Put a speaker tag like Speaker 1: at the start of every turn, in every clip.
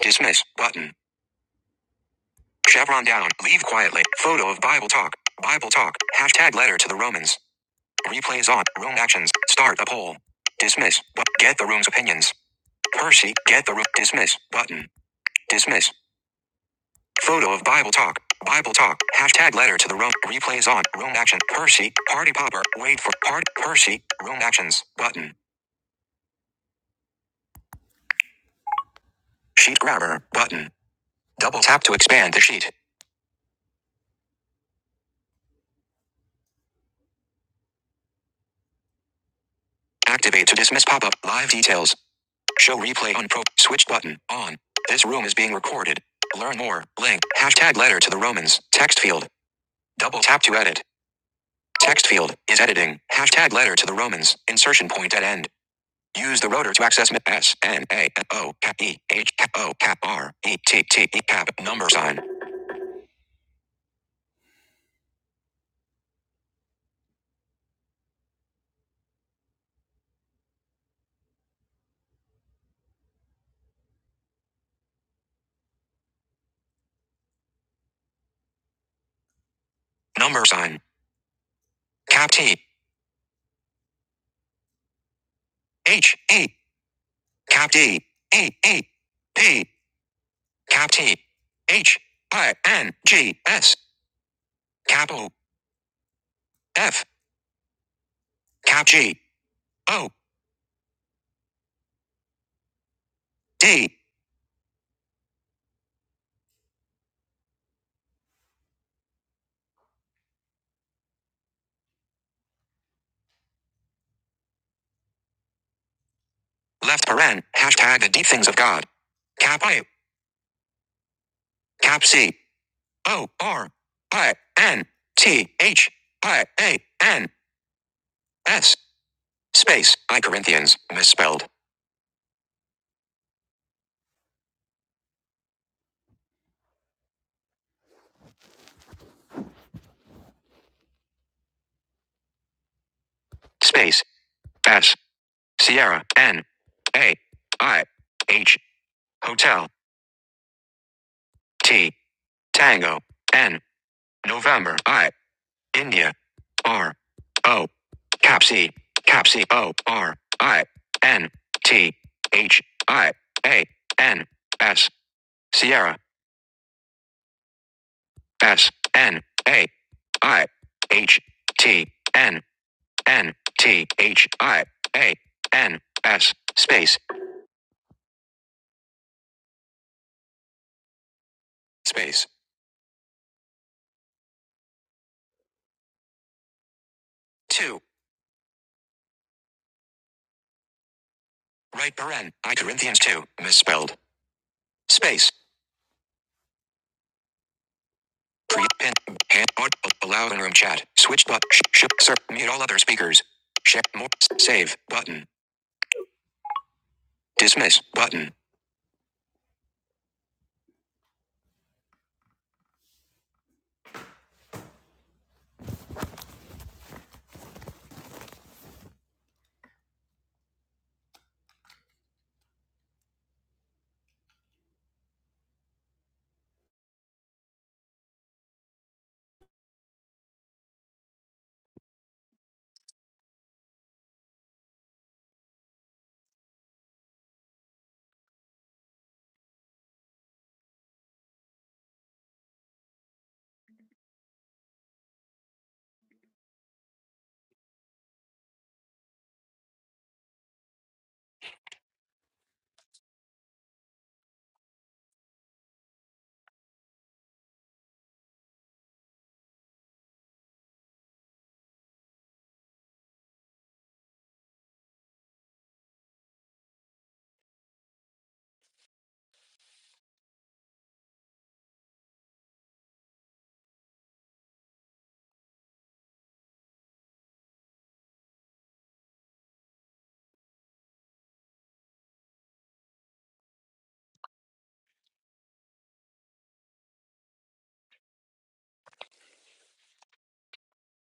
Speaker 1: Dismiss button. Chevron down. Leave quietly. Photo of Bible talk. Bible talk. Hashtag letter to the Romans. Replays on. Room actions. Start the poll. Dismiss. But get the room's opinions. Percy. Get the room. Dismiss button. Dismiss. Photo of Bible talk. Bible talk. Hashtag letter to the room. Replays on. Room action. Percy. Party popper. Wait for part. Percy. Room actions. Button. Sheet grabber. Button. Double tap to expand the sheet. Activate to dismiss pop up. Live details. Show replay on pro. Switch button on. This room is being recorded. Learn more. Link. Hashtag letter to the Romans. Text field. Double tap to edit. Text field is editing. Hashtag letter to the Romans. Insertion point at end. Use the rotor to access S N A O E H O R E T T E cap number sign number sign cap T H E cap D E E P cap T H I N G S cap O F cap G O D. Left paren. Hashtag the deep things of God. Cap I. Cap C. O. R. I. N. T. H. I. A. N. S. Space. I Corinthians. Misspelled. Space. S. Sierra. N. A. I. H. Hotel. T. Tango. N. November. I. India. R. O. Capsi. Capsi. O R I N T H I A N S. Sierra. S. N. A. I. H. T. N. N. T. H. I. A. N. S. Space. Space. 2. Right paren. I Corinthians 2. Misspelled. Space. Pre pin hand or allow in room chat. Switch but sh- sir mute all other speakers. Check more save button. Dismiss button.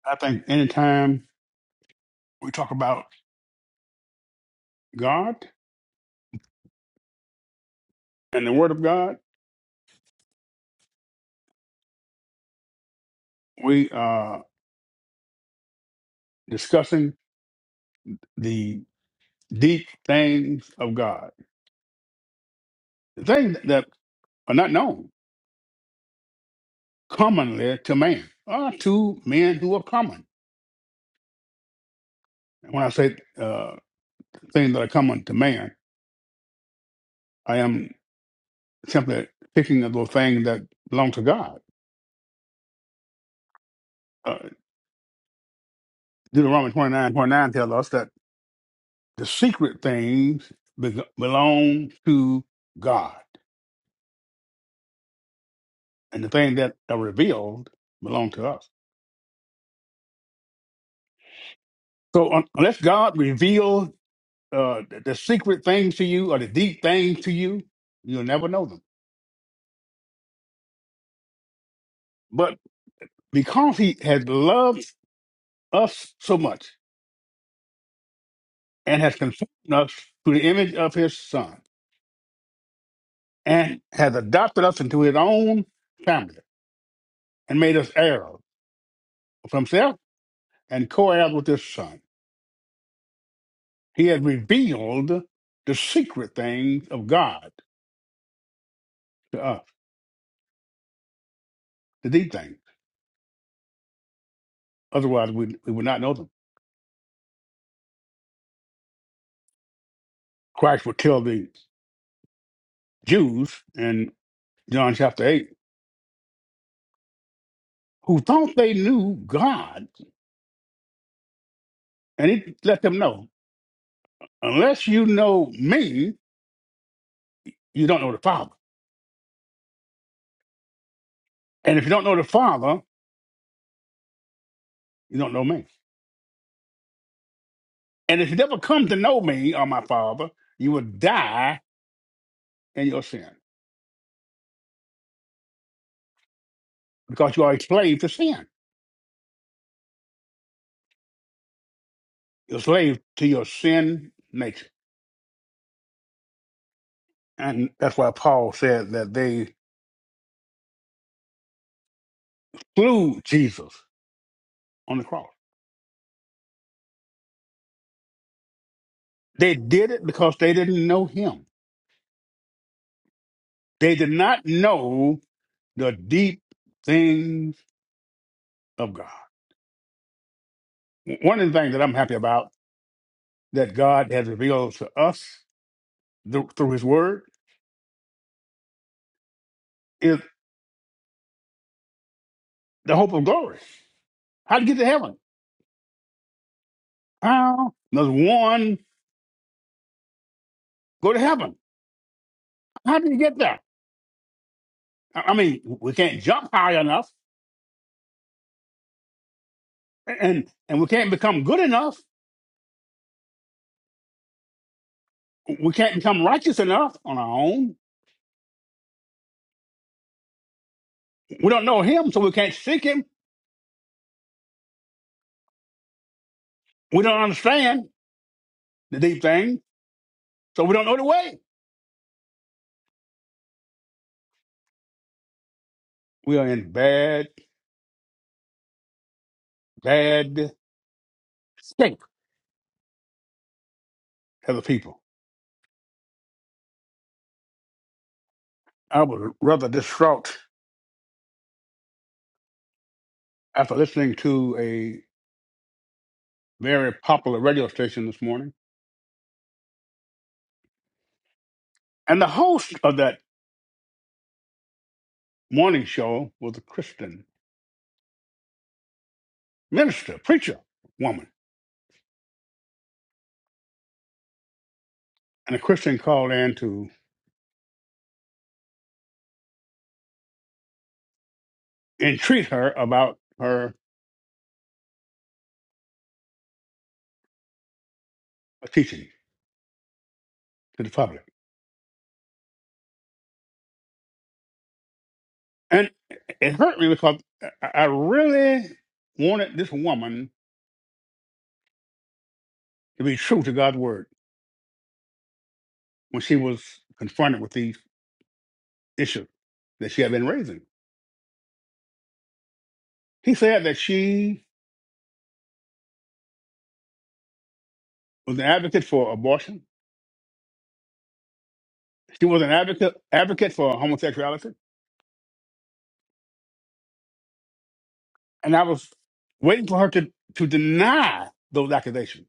Speaker 1: I think anytime we talk about God and the Word of God, we are discussing the deep things of God. The things that are not known commonly to man or to men who are common. When I say uh, things that are common to man, I am simply picking of those things that belong to God uh, Deuteronomy 29 twenty-nine tells us that the secret things be- belong to God, and the things that are revealed belong to us. So, un- unless God reveals uh, the, the secret things to you or the deep things to you, you'll never know them. But because He has loved us so much and has conformed us to the image of His Son and has adopted us into His own family and made us heirs of Himself and co heirs with His Son He had revealed the secret things of God to us, the deep things. Otherwise, we, we would not know them. Christ would tell the Jews in John chapter 8, who thought they knew God, and he let them know, unless you know me, you don't know the Father. And if you don't know the Father, you don't know me. And if you never come to know me or my Father, you will die in your sin because you are a slave to sin. You're a slave to your sin nature. And that's why Paul said that they slew Jesus on the cross. They did it because they didn't know him. They did not know the deep things of God. One of the things that I'm happy about that God has revealed to us th- through his word is the hope of glory. How to get to heaven? How does one go to heaven? How do you get there? I I mean, we can't jump high enough and, and we can't become good enough. We can't become righteous enough on our own We don't know him, so we can't seek him. We don't understand the deep things, so we don't know the way. We are in bad, bad shape as a people. I was rather distraught after listening to a very popular radio station this morning. And the host of that morning show was a Christian minister, preacher, woman. And a Christian called in to entreat her about her teaching to the public. And it hurt me because I I really wanted this woman to be true to God's word when she was confronted with these issues that she had been raising. He said that she was an advocate for abortion. She was an advocate advocate for homosexuality. And I was waiting for her to, to deny those accusations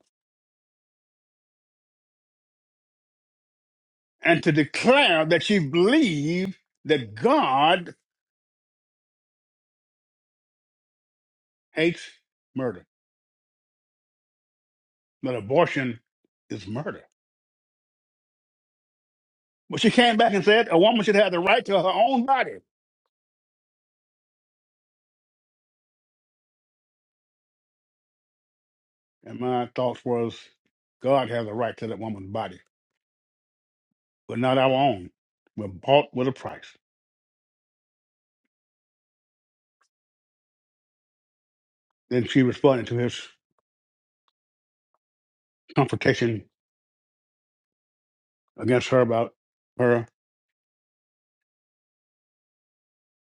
Speaker 1: and to declare that she believed that God hates murder, that abortion is murder. But she came back and said a woman should have the right to her own body. And my thoughts was, God has a right to that woman's body, but not our own. We're bought with a price. Then she responded to his confrontation against her about her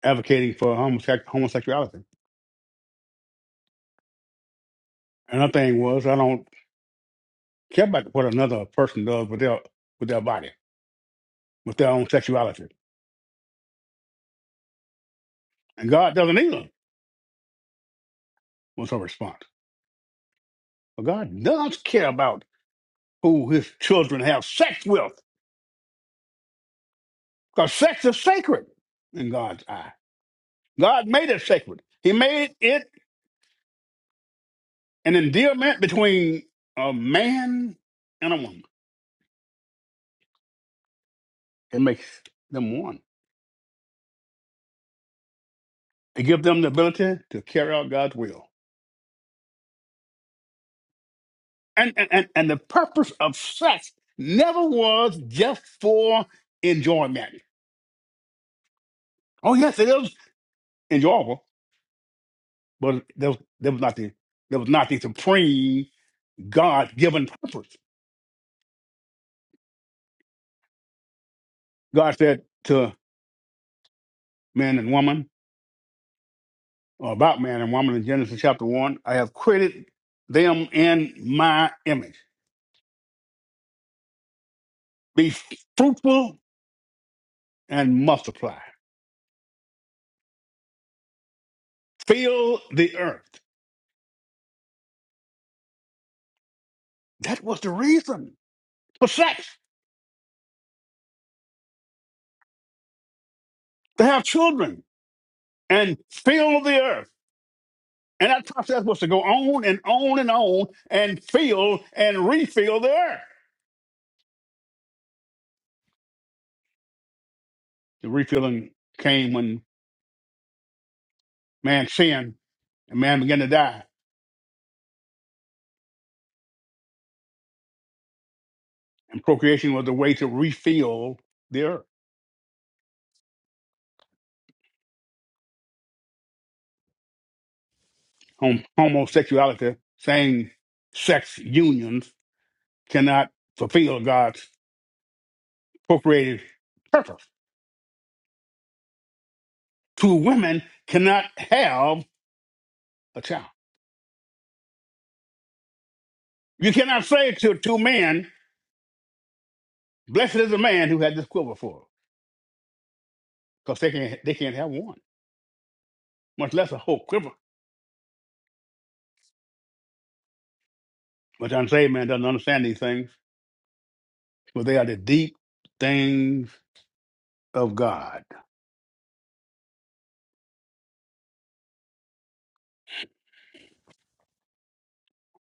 Speaker 1: advocating for homosex- homosexuality. Another thing was, I don't care about what another person does with their with their body, with their own sexuality, and God doesn't either. Was her response? But God does care about who His children have sex with. Because sex is sacred in God's eye. God made it sacred. He made it an endearment between a man and a woman. It makes them one. It gives them the ability to carry out God's will. And, and, and, and the purpose of sex never was just for enjoyment. Oh, yes, it is enjoyable, but that was, that was, not, the, that was not the supreme God given purpose. God said to man and woman, or about man and woman in Genesis chapter 1. I have created them in my image. Be fruitful and multiply. Fill the earth. That was the reason for sex, to have children and fill the earth. And that process was to go on and on and on and fill and refill the earth. The refilling came when man sinned and man began to die. And procreation was the way to refill the earth. hom- homosexuality, same sex unions cannot fulfill God's appropriated purpose. Two women cannot have a child. You cannot say to two men, blessed is the man who had this quiver full, because they can't, they can't have one, much less a whole quiver. But the unsaved man doesn't understand these things, but they are the deep things of God.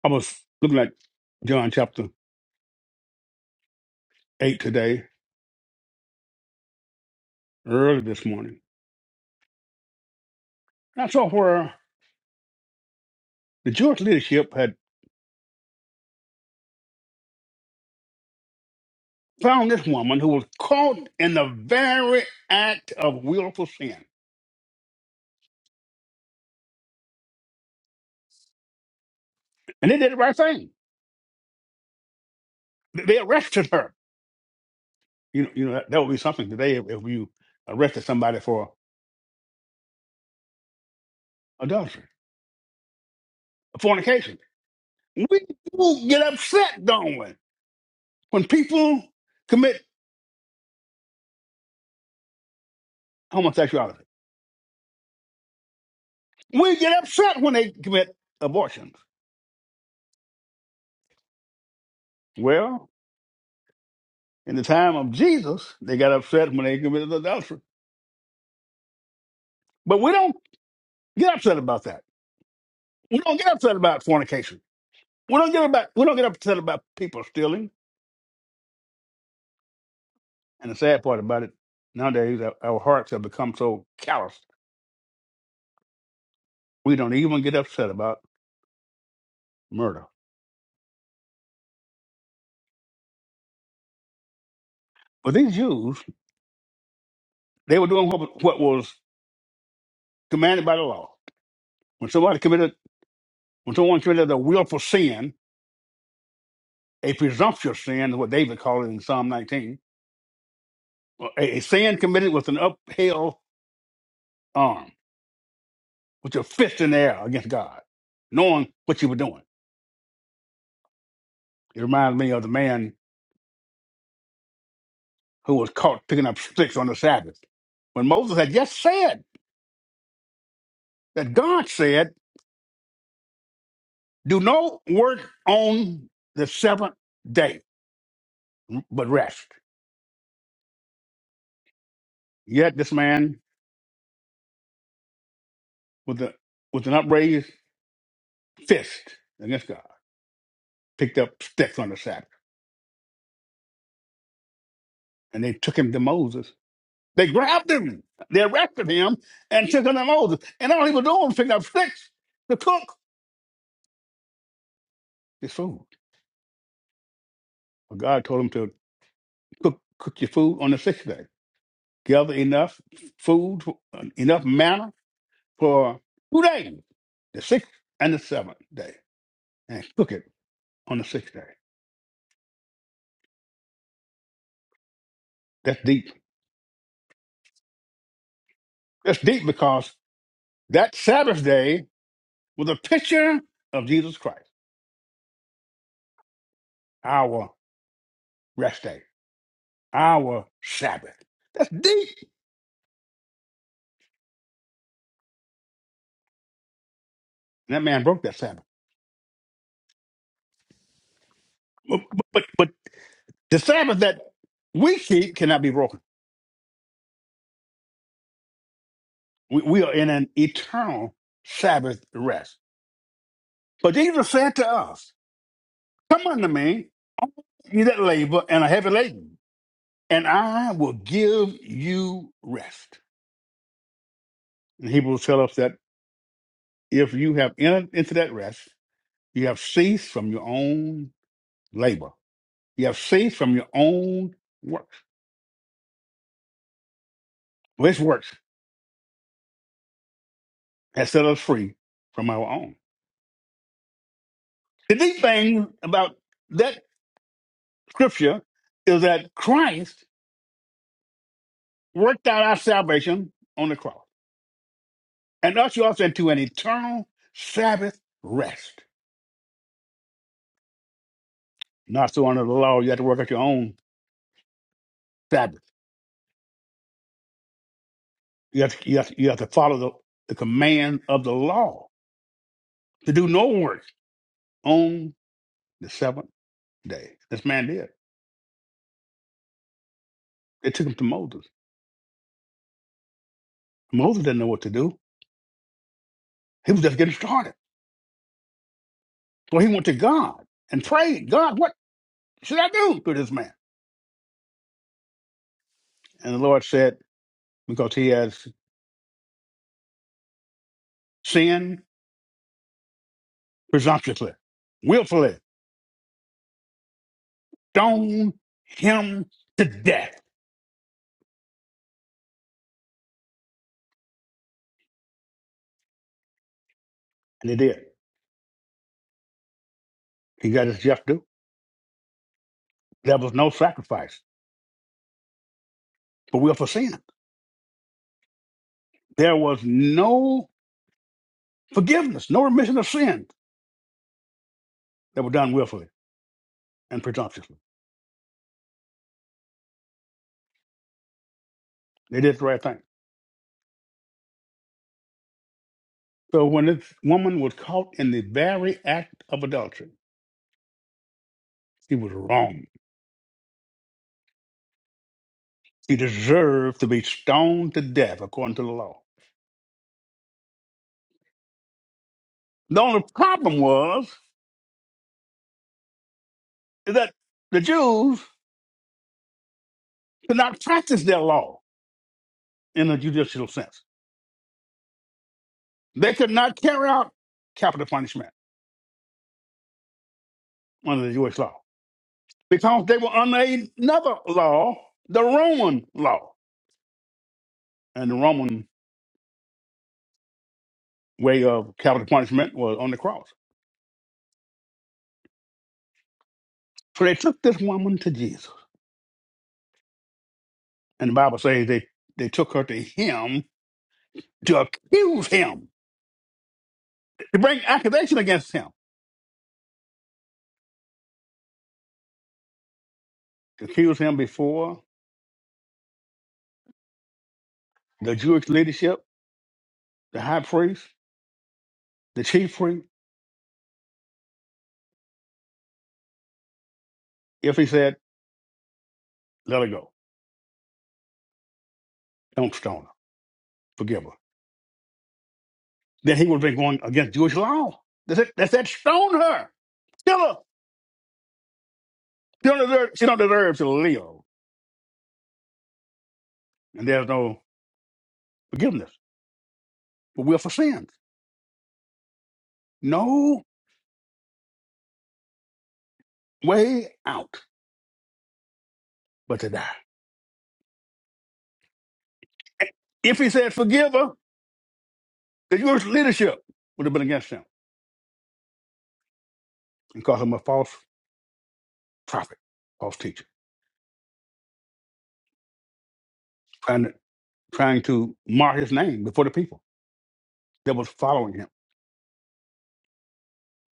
Speaker 1: I was looking at John chapter 8 today, early this morning, and I saw where the Jewish leadership had found this woman who was caught in the very act of willful sin. And they did the right thing. They arrested her. You know, you know that, that would be something today if, if you arrested somebody for adultery, fornication. We do get upset, don't we, when people commit homosexuality. We get upset when they commit abortions. Well, in the time of Jesus, they got upset when they committed adultery. But we don't get upset about that. We don't get upset about fornication. We don't get about we don't get upset about people stealing. And the sad part about it, nowadays our, our hearts have become so callous we don't even get upset about murder. But these Jews, they were doing what, what was commanded by the law. When somebody committed when someone committed a willful sin, a presumptuous sin is what David called it in Psalm 19, a, a sin committed with an upheld arm, with your fist in the air against God, knowing what you were doing. It reminds me of the man who was caught picking up sticks on the Sabbath. When Moses had just said that God said, Do no work on the seventh day, but rest. Yet this man with, a, with an upraised fist against God picked up sticks on the Sabbath, and they took him to Moses. They grabbed him, they arrested him, and took him to Moses. And all he was doing was picking up sticks to cook his food. But God told him to cook, cook your food on the sixth day. gather enough food, enough manna for two days, the sixth and the seventh day, and cook it on the sixth day. That's deep. That's deep because that Sabbath day was a picture of Jesus Christ, our rest day, our Sabbath. That's deep. And that man broke that Sabbath. But, but, but the Sabbath that we keep cannot be broken. We, we are in an eternal Sabbath rest. But Jesus said to us, Come unto me, you that labor and a heavy laden, and I will give you rest. And Hebrews tell us that if you have entered into that rest, you have ceased from your own labor. You have ceased from your own work. This work has set us free from our own. The deep thing about that scripture is that Christ worked out our salvation on the cross and ushered us into an eternal Sabbath rest. Not so under the law, you have to work out your own Sabbath You have to, you have to, you have to follow the, the command of the law to do no work on the seventh day. This man did. It took him to Moses. Moses didn't know what to do. He was just getting started. So he went to God and prayed, God, what should I do to this man? And the Lord said, because he has sinned presumptuously, willfully, stone him to death. And he did. He got his just due. There was no sacrifice for willful sin. There was no forgiveness, no remission of sins that were done willfully and presumptuously. They did the right thing. So when this woman was caught in the very act of adultery, he was wrong. He deserved to be stoned to death according to the law. The only problem was is that the Jews could not practice their law in a judicial sense. They could not carry out capital punishment under the Jewish law because they were under another law, the Roman law. And the Roman way of capital punishment was on the cross. So they took this woman to Jesus. And the Bible says they, they took her to him to accuse him, to bring accusation against him, to accuse him before the Jewish leadership, the high priest, the chief priest, if he said, let her go. Don't stone her. Forgive her. Then he would have been going against Jewish law. They said, they said stone her. Kill her. She don't, deserve, she don't deserve to live. And there's no forgiveness. But we're for sins. No way out. but to die. If he said forgive her, the Jewish leadership would have been against him and called him a false prophet, false teacher, trying to, trying to mar his name before the people that was following him.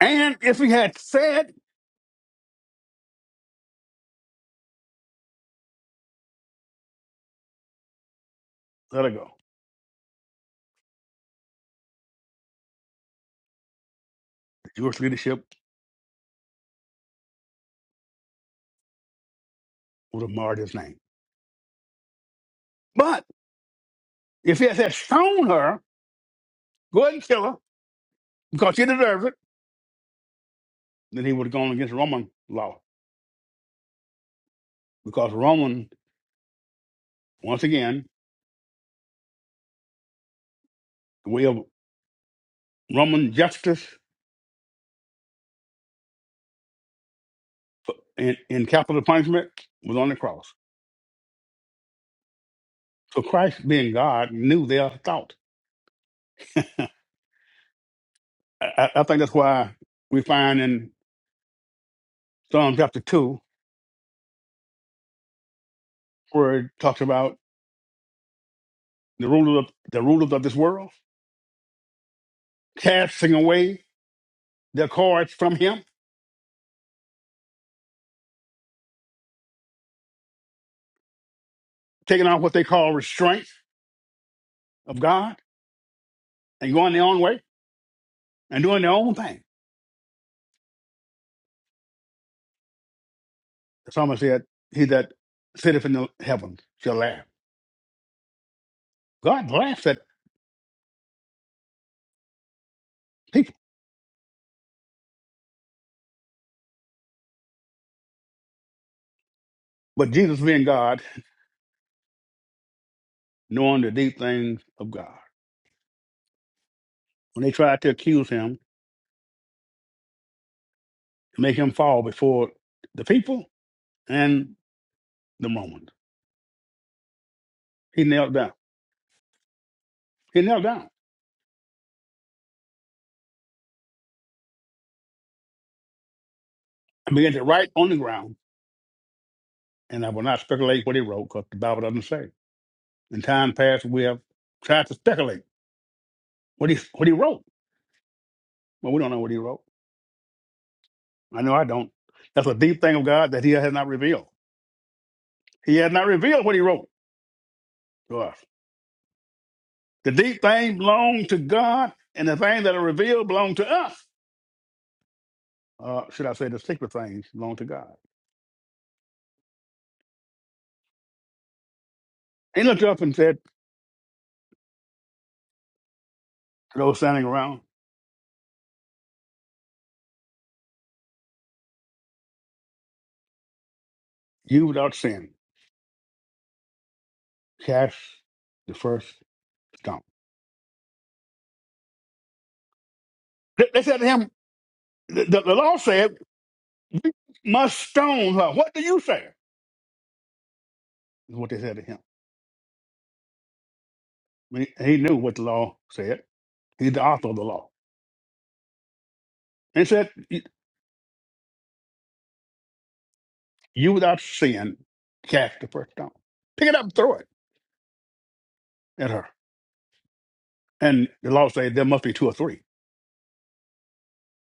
Speaker 1: And if he had said, let her go, the Jewish leadership would have marred his name. But if he had said, stone her, go ahead and kill her because she deserves it, then he would have gone against Roman law because Roman, once again, the way of Roman justice in, in capital punishment was on the cross. So Christ, being God, knew their thought. I, I I think that's why we find in Psalm chapter two where it talks about the rulers of the rulers of this world casting away their cords from Him, taking off what they call restraint of God, and going their own way and doing their own thing. The psalmist said, "He that sitteth in the heavens shall laugh." God laughs at people, but Jesus, being God, knowing the deep things of God, when they tried to accuse Him, make Him fall before the people, and the moment. He knelt down. He knelt down and began to write on the ground. And I will not speculate what he wrote because the Bible doesn't say. In time past, we have tried to speculate what he what he wrote, but we don't know what he wrote. I know I don't. That's a deep thing of God that He has not revealed. He has not revealed what He wrote to us. The deep things belong to God, and the things that are revealed belong to us. Uh, should I say the secret things belong to God? He looked up and said to those standing around, "You without sin, cast the first." Stone. They, they said to him, the, the, the law said, we must stone her. What do you say? Is what they said to him. I mean, He, knew what the law said. He's the author of the law. They said, you you without sin, cast the first stone. Pick it up and throw it at her. And the law said there must be two or three,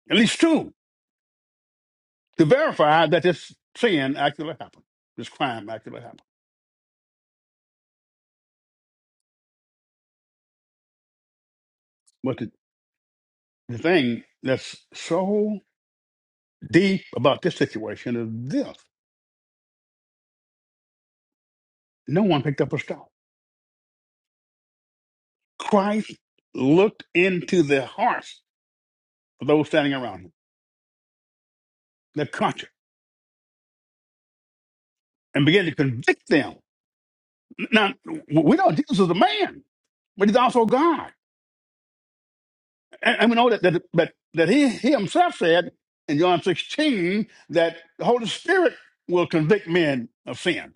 Speaker 1: at least two, to verify that this sin actually happened, this crime actually happened. But the, the thing that's so deep about this situation is this no one picked up a stone. Christ looked into the hearts of those standing around him, their conscience, and began to convict them. Now, we know Jesus is a man, but he's also God. And, and we know that, that, that, that he, he himself said in John 16 that the Holy Spirit will convict men of sin.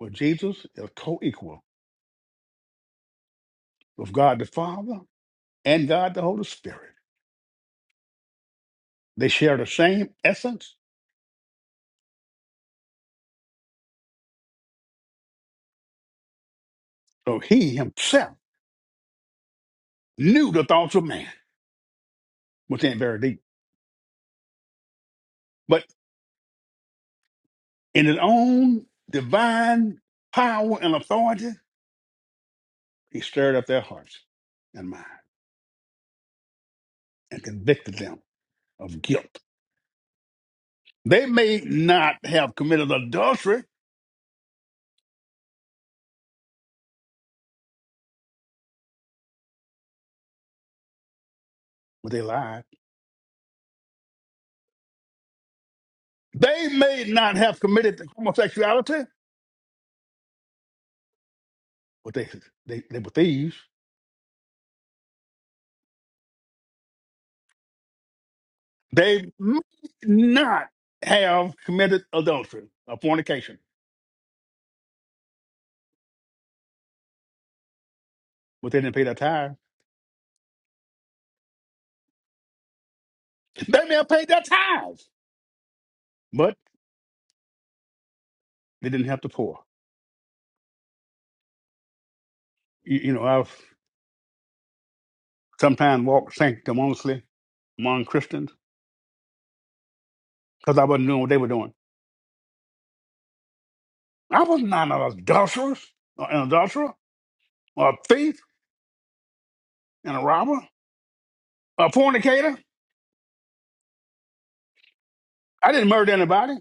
Speaker 1: Well, Jesus is co equal with God the Father and God the Holy Spirit. They share the same essence, so he himself knew the thoughts of man, which ain't very deep. but. In his own divine power and authority, he stirred up their hearts and minds and convicted them of guilt. They may not have committed adultery, but they lied. They may not have committed homosexuality, but they, they, they were thieves. They may not have committed adultery or fornication, but they didn't pay their tithes. They may have paid their tithes, but they didn't have to pour. You, you know, I've sometimes walked sanctimoniously among Christians because I wasn't doing what they were doing. I was not an adulteress, or an adulterer, or a thief, and a robber, or a fornicator. I didn't murder anybody,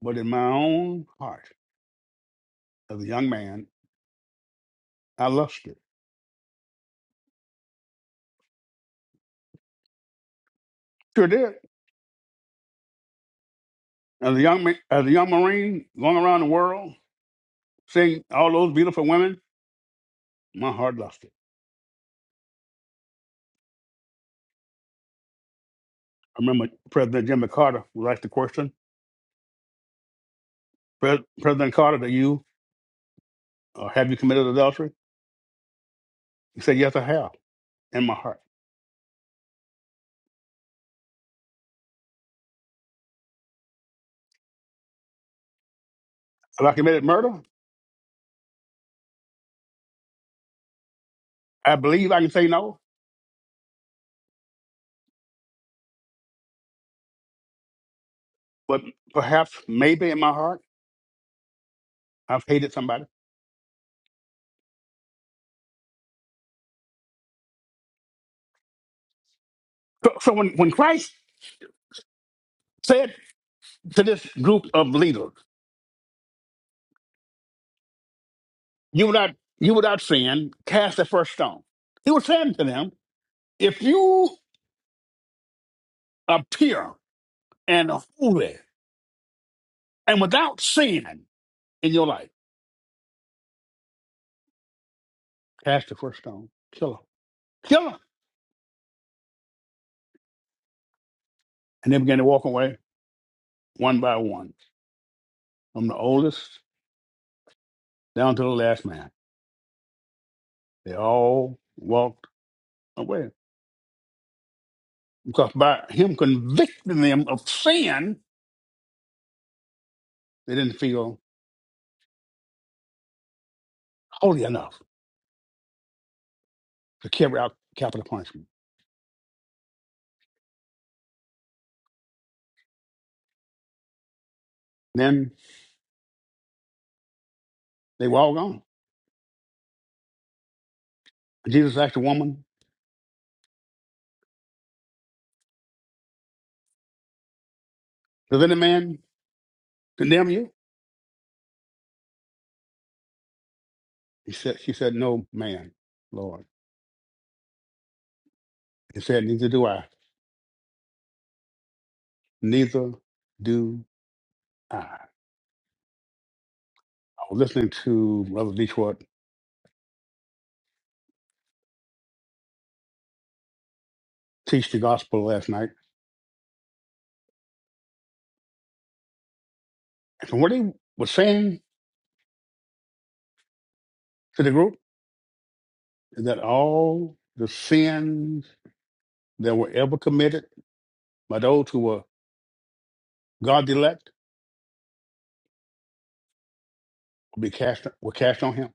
Speaker 1: but in my own heart, as a young man, I lusted. Sure did. As a young man, as a young Marine going around the world, seeing all those beautiful women, my heart lusted. I remember President Jimmy Carter was asked the question, "Pres- President Carter, do you uh, have you committed adultery? He said, Yes, I have, in my heart. Have I committed murder? I believe I can say no. but perhaps maybe in my heart I've hated somebody. So, so when, when Christ said to this group of leaders, you without you without sin, cast the first stone. He was saying to them, if you are pure and holy and without sin in your life, cast the first stone. Kill them. Kill them. And they began to walk away one by one, from the oldest down to the last man. They all walked away. Because by him convicting them of sin, They didn't feel holy enough to carry out capital punishment. Then they were all gone. Jesus asked the woman, Does any man condemn you? He said, She said, No man, Lord. He said, Neither do I. Neither do I. I was listening to Brother Detroit teach the gospel last night. And from what he was saying to the group is that all the sins that were ever committed by those who were God's elect will be cast were cast on him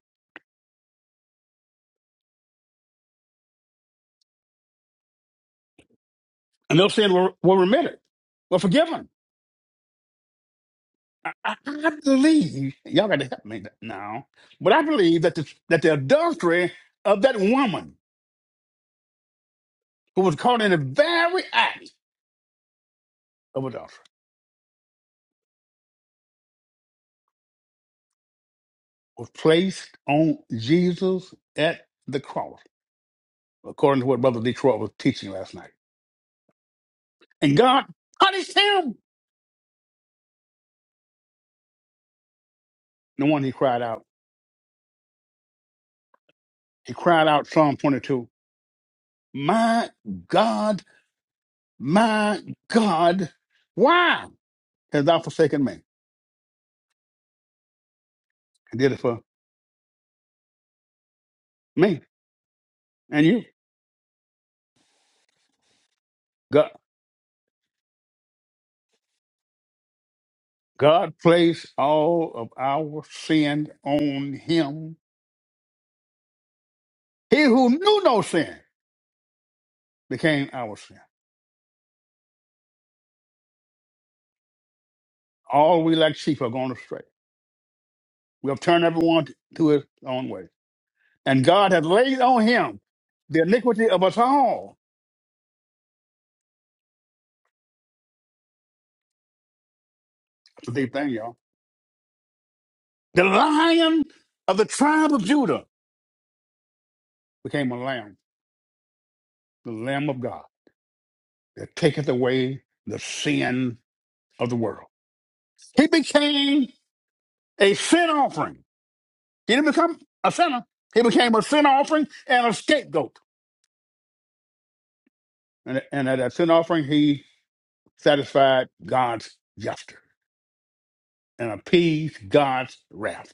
Speaker 1: And they'll say, well, we'll remit it. Well, forgive them. I, I, I believe, y'all got to help me now, but I believe that the, that the adultery of that woman who was caught in the very act of adultery was placed on Jesus at the cross, according to what Brother Detroit was teaching last night. And God punished him. The one he cried out, he cried out Psalm 22, My God, my God, why hast thou forsaken me? He did it for. me and you. God, God placed all of our sin on him. He who knew no sin became our sin. All we like sheep have gone astray. We have turned everyone to his own way. And God has laid on him the iniquity of us all. That's a deep thing, y'all. The lion of the tribe of Judah became a lamb, the lamb of God that taketh away the sin of the world. He became a sin offering He didn't become a sinner. He became a sin offering and a scapegoat. And, and at that sin offering, he satisfied God's justice and appeased God's wrath.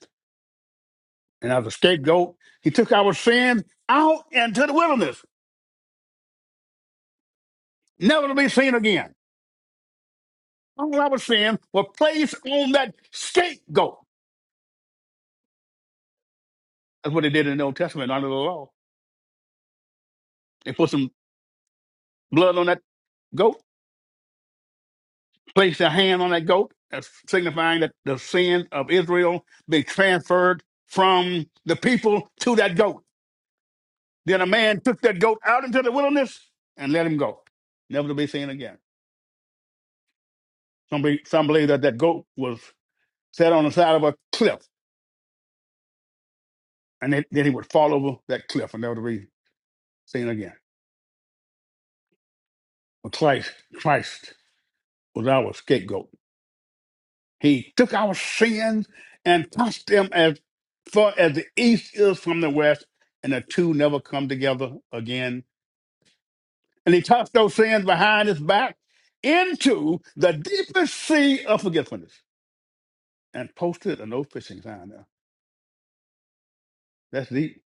Speaker 1: And as a scapegoat, he took our sin out into the wilderness, never to be seen again. All our sin were placed on that scapegoat. That's what they did in the Old Testament under the law. They put some blood on that goat placed their hand on that goat, uh, signifying that the sin of Israel be transferred from the people to that goat. Then a man took that goat out into the wilderness and let him go, never to be seen again. Some, be, some believe that that goat was set on the side of a cliff, and then, then he would fall over that cliff and never to be seen again. But Christ, Christ was our scapegoat He took our sins and tossed them as far as the east is from the west, and the two never come together again. And he tossed those sins behind his back into the deepest sea of forgetfulness and posted a no fishing sign there. That's deep.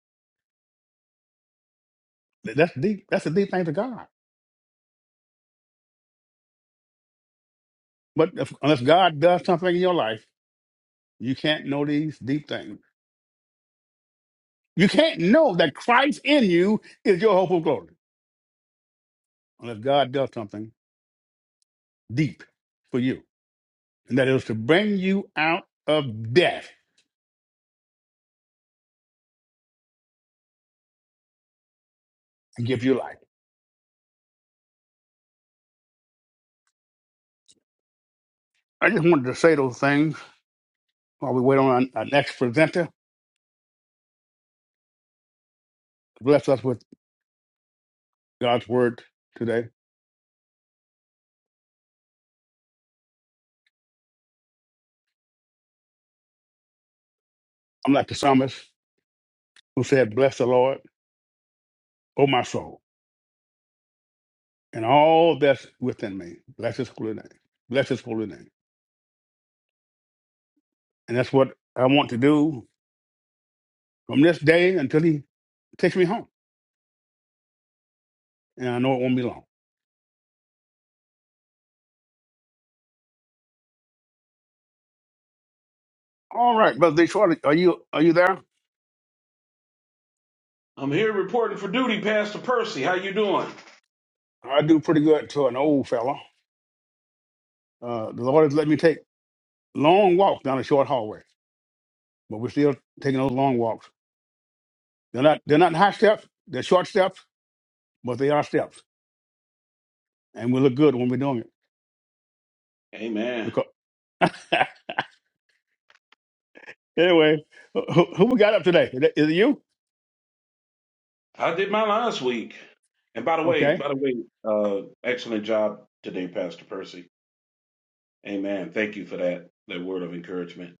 Speaker 1: That's deep. That's a deep thing to God. But if, unless God does something in your life, you can't know these deep things. You can't know that Christ in you is your hope of glory unless God does something deep for you. and that it was to bring you out of death and give you life. I just wanted to say those things while we wait on our, our next presenter. Bless us with God's word today. I'm like the psalmist who said, Bless the Lord, O my soul, and all that's within me. Bless his holy name. Bless his holy name. And that's what I want to do from this day until he takes me home. And I know it won't be long. All right, Brother Detroit, are you are you there?
Speaker 2: I'm here reporting for duty, Pastor Percy. How you doing?
Speaker 1: I do pretty good to an old fella. Uh, the Lord has let me take long walks down a short hallway, but we're still taking those long walks. They're not they're not high steps, they're short steps, but they are steps, and we look good when we're doing it.
Speaker 2: Amen.
Speaker 1: Because anyway, who, who we got up today? Is it is it you?
Speaker 2: I did mine last week. And by the way,
Speaker 1: Okay,
Speaker 2: by the way, uh, excellent job today, Pastor Percy. Amen. Thank you for that that word of encouragement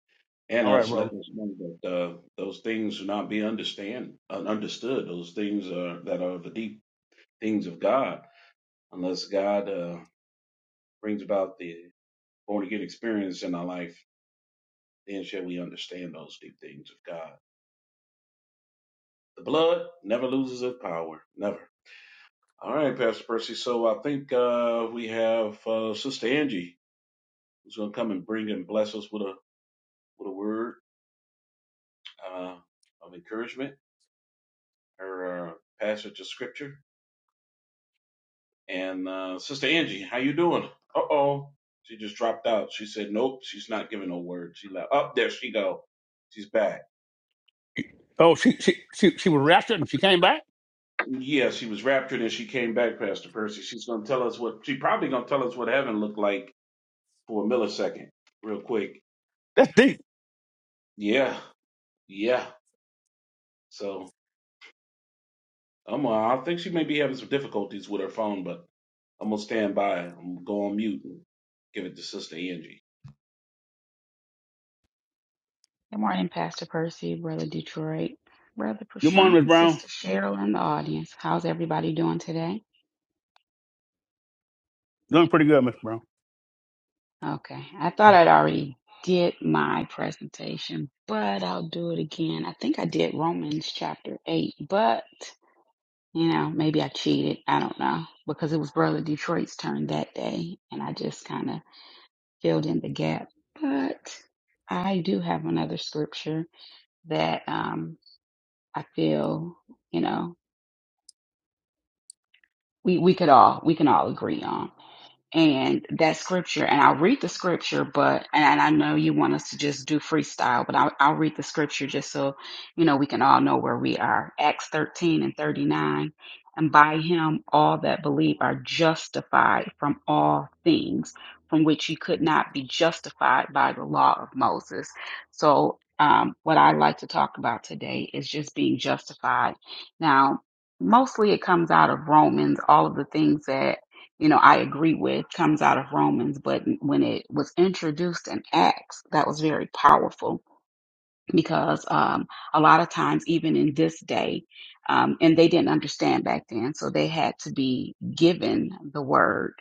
Speaker 2: and
Speaker 1: all right,
Speaker 2: us
Speaker 1: brother.
Speaker 2: letting us know that uh, those things do not be understand uh, understood. Those things are that are the deep things of God. Unless God uh, brings about the born again experience in our life, then shall we understand those deep things of God. The blood never loses its power. Never. All right, Pastor Percy. So I think uh, we have uh, Sister Angie who's going to come and bring and bless us with a with a word uh, of encouragement, her uh, passage of scripture. And uh, Sister Angie, how you doing? Uh oh, she just dropped out. She said, "Nope, she's not giving no word." She left. Up there she go. She's back.
Speaker 1: Oh, she she she she was raptured and she came back.
Speaker 2: Yeah, she was raptured and she came back, Pastor Percy. She's going to tell us what she probably going to tell us what heaven looked like for a millisecond, real quick.
Speaker 1: That's deep.
Speaker 2: Yeah, yeah. So I'm. Uh, I think she may be having some difficulties with her phone, but I'm gonna stand by. I'm gonna go on mute and give it to Sister Angie.
Speaker 3: Good morning, Pastor Percy, Brother Detroit, Brother
Speaker 1: Good morning, Miss
Speaker 3: Prashant,
Speaker 1: Brown.
Speaker 3: Sister Cheryl in the audience. How's everybody doing today?
Speaker 1: Doing pretty good, Miss Brown.
Speaker 3: Okay, I thought I'd already did my presentation, but I'll do it again. I think I did Romans chapter 8, but you know, maybe I cheated. I don't know because it was Brother Detroit's turn that day and I just kind of filled in the gap. But I do have another scripture that um, I feel, you know. we we could all we can all agree on and that scripture and i'll read the scripture but and i know you want us to just do freestyle but I'll, I'll read the scripture just so you know we can all know where we are acts 13 and 39 and by him all that believe are justified from all things from which you could not be justified by the law of moses so um, what i'd like to talk about today is just being justified now mostly it comes out of romans all of the things that you know, I agree with comes out of Romans, but when it was introduced in Acts, that was very powerful because um, a lot of times, even in this day, um, and they didn't understand back then, so they had to be given the word,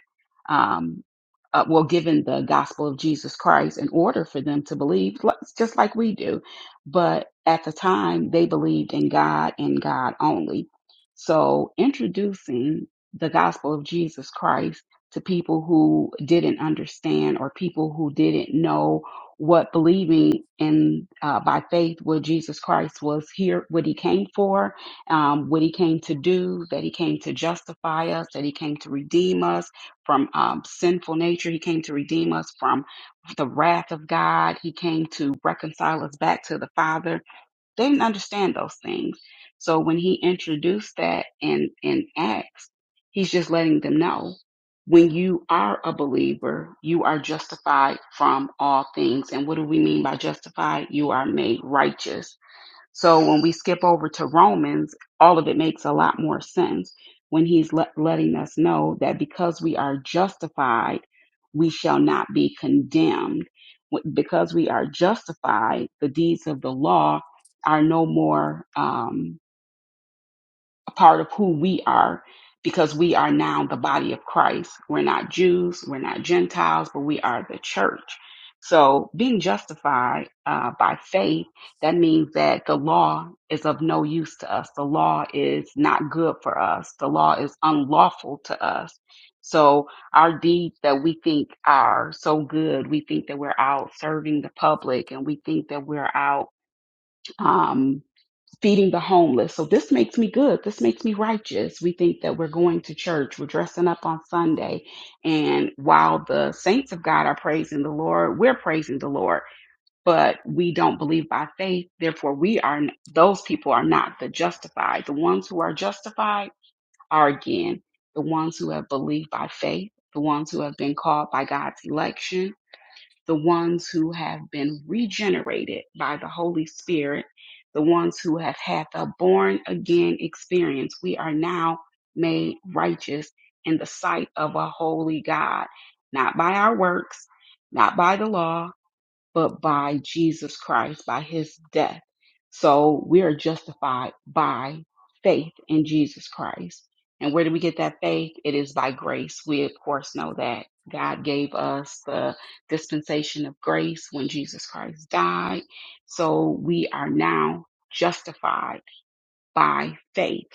Speaker 3: um, uh, well, given the gospel of Jesus Christ in order for them to believe, li- just like we do. But at the time, they believed in God and God only. So introducing the gospel of Jesus Christ to people who didn't understand or people who didn't know what believing in uh, by faith what Jesus Christ was here, what he came for, um, what he came to do, that he came to justify us, that he came to redeem us from um, sinful nature, he came to redeem us from the wrath of God, he came to reconcile us back to the Father they didn't understand those things. So when he introduced that in, in Acts, he's just letting them know when you are a believer, you are justified from all things. And what do we mean by justified? You are made righteous so when we skip over to Romans, all of it makes a lot more sense when he's let, letting us know that because we are justified, we shall not be condemned. W- Because we are justified, the deeds of the law are no more. Um, a part of who we are because we are now the body of Christ. We're not Jews, we're not Gentiles, but we are the church. So being justified uh, by faith, that means that the law is of no use to us. The law is not good for us. The law is unlawful to us. So our deeds that we think are so good, we think that we're out serving the public and we think that we're out um, feeding the homeless. So this makes me good. This makes me righteous. We think that we're going to church, we're dressing up on Sunday. And while the saints of God are praising the Lord, we're praising the Lord, but we don't believe by faith. Therefore, we are, those people are not the justified. The ones who are justified are again the ones who have believed by faith, the ones who have been called by God's election the ones who have been regenerated by the Holy Spirit, the ones who have had the born again experience. We are now made righteous in the sight of a holy God, not by our works, not by the law, but by Jesus Christ, by his death. So we are justified by faith in Jesus Christ. And where do we get that faith? It is by grace. We, of course, know that God gave us the dispensation of grace when Jesus Christ died. So we are now justified by faith.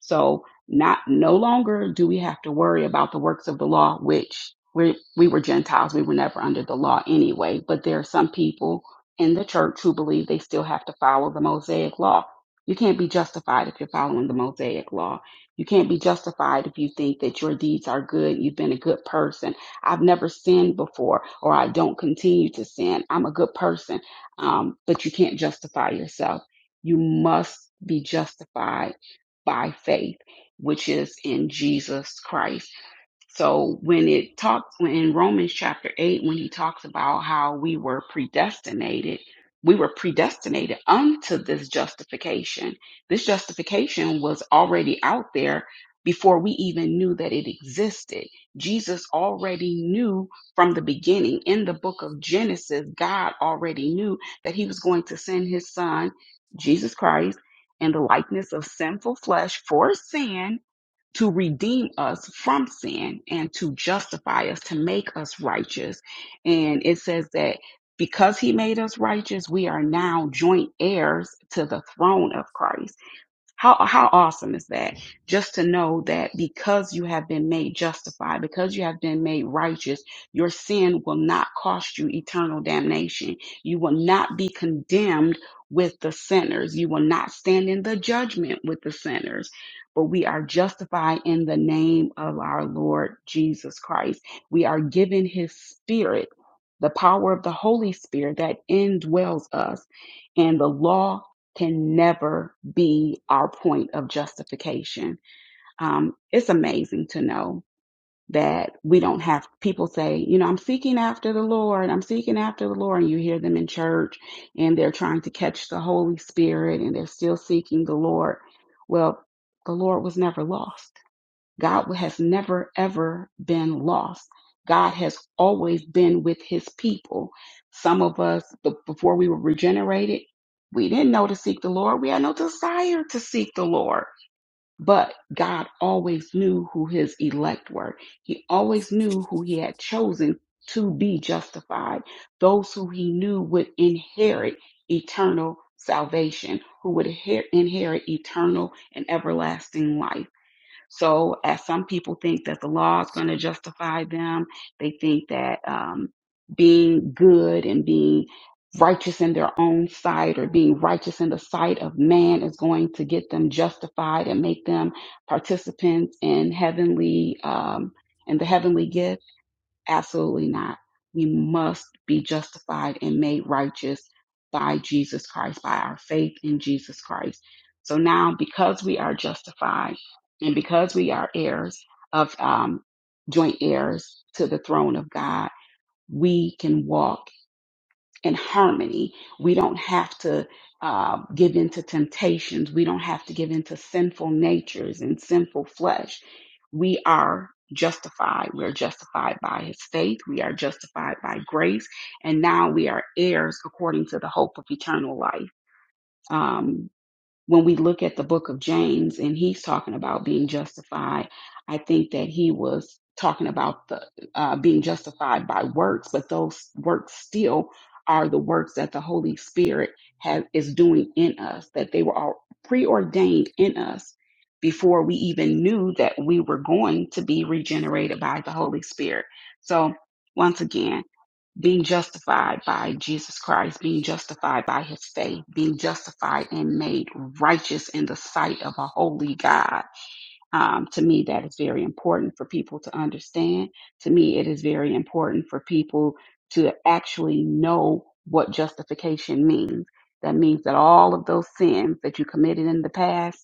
Speaker 3: So not no longer do we have to worry about the works of the law, which we we were Gentiles, we were never under the law anyway. But there are some people in the church who believe they still have to follow the Mosaic law. You can't be justified if you're following the Mosaic law. You can't be justified if you think that your deeds are good, you've been a good person. I've never sinned before, or I don't continue to sin. I'm a good person. Um, but you can't justify yourself. You must be justified by faith, which is in Jesus Christ. So when it talks when in Romans chapter 8, when he talks about how we were predestinated, we were predestinated unto this justification. This justification was already out there before we even knew that it existed. Jesus already knew from the beginning in the book of Genesis, God already knew that he was going to send his son, Jesus Christ, in the likeness of sinful flesh for sin to redeem us from sin and to justify us, to make us righteous. And it says that because he made us righteous, we are now joint heirs to the throne of Christ. How how awesome is that? Just to know that because you have been made justified, because you have been made righteous, your sin will not cost you eternal damnation. You will not be condemned with the sinners. You will not stand in the judgment with the sinners. But we are justified in the name of our Lord Jesus Christ. We are given his spirit, the power of the Holy Spirit that indwells us and the law can never be our point of justification. Um, it's amazing to know that we don't have people say, you know, I'm seeking after the Lord, I'm seeking after the Lord, and you hear them in church and they're trying to catch the Holy Spirit and they're still seeking the Lord. Well, the Lord was never lost. God has never, ever been lost. God has always been with his people. Some of us, be- before we were regenerated, we didn't know to seek the Lord. We had no desire to seek the Lord. But God always knew who his elect were. He always knew who he had chosen to be justified, those who he knew would inherit eternal salvation, who would inher- inherit eternal and everlasting life so, as some people think that the law is going to justify them, they think that um, being good and being righteous in their own sight or being righteous in the sight of man is going to get them justified and make them participants in heavenly um, in the heavenly gift. Absolutely not. We must be justified and made righteous by Jesus Christ, by our faith in Jesus Christ. So now, because we are justified and because we are heirs of um, joint heirs to the throne of God, we can walk in harmony. We don't have to uh, give in to temptations. We don't have to give in to sinful natures and sinful flesh. We are justified. We're justified by his faith. We are justified by grace. And now we are heirs according to the hope of eternal life. Um, when we look at the book of James and he's talking about being justified, I think that he was talking about the uh, being justified by works, but those works still are the works that the Holy Spirit has is doing in us, that they were all preordained in us before we even knew that we were going to be regenerated by the Holy Spirit. So once again, being justified by Jesus Christ, being justified by his faith, being justified and made righteous in the sight of a holy God. Um, to me, that is very important for people to understand. To me, it is very important for people to actually know what justification means. That means that all of those sins that you committed in the past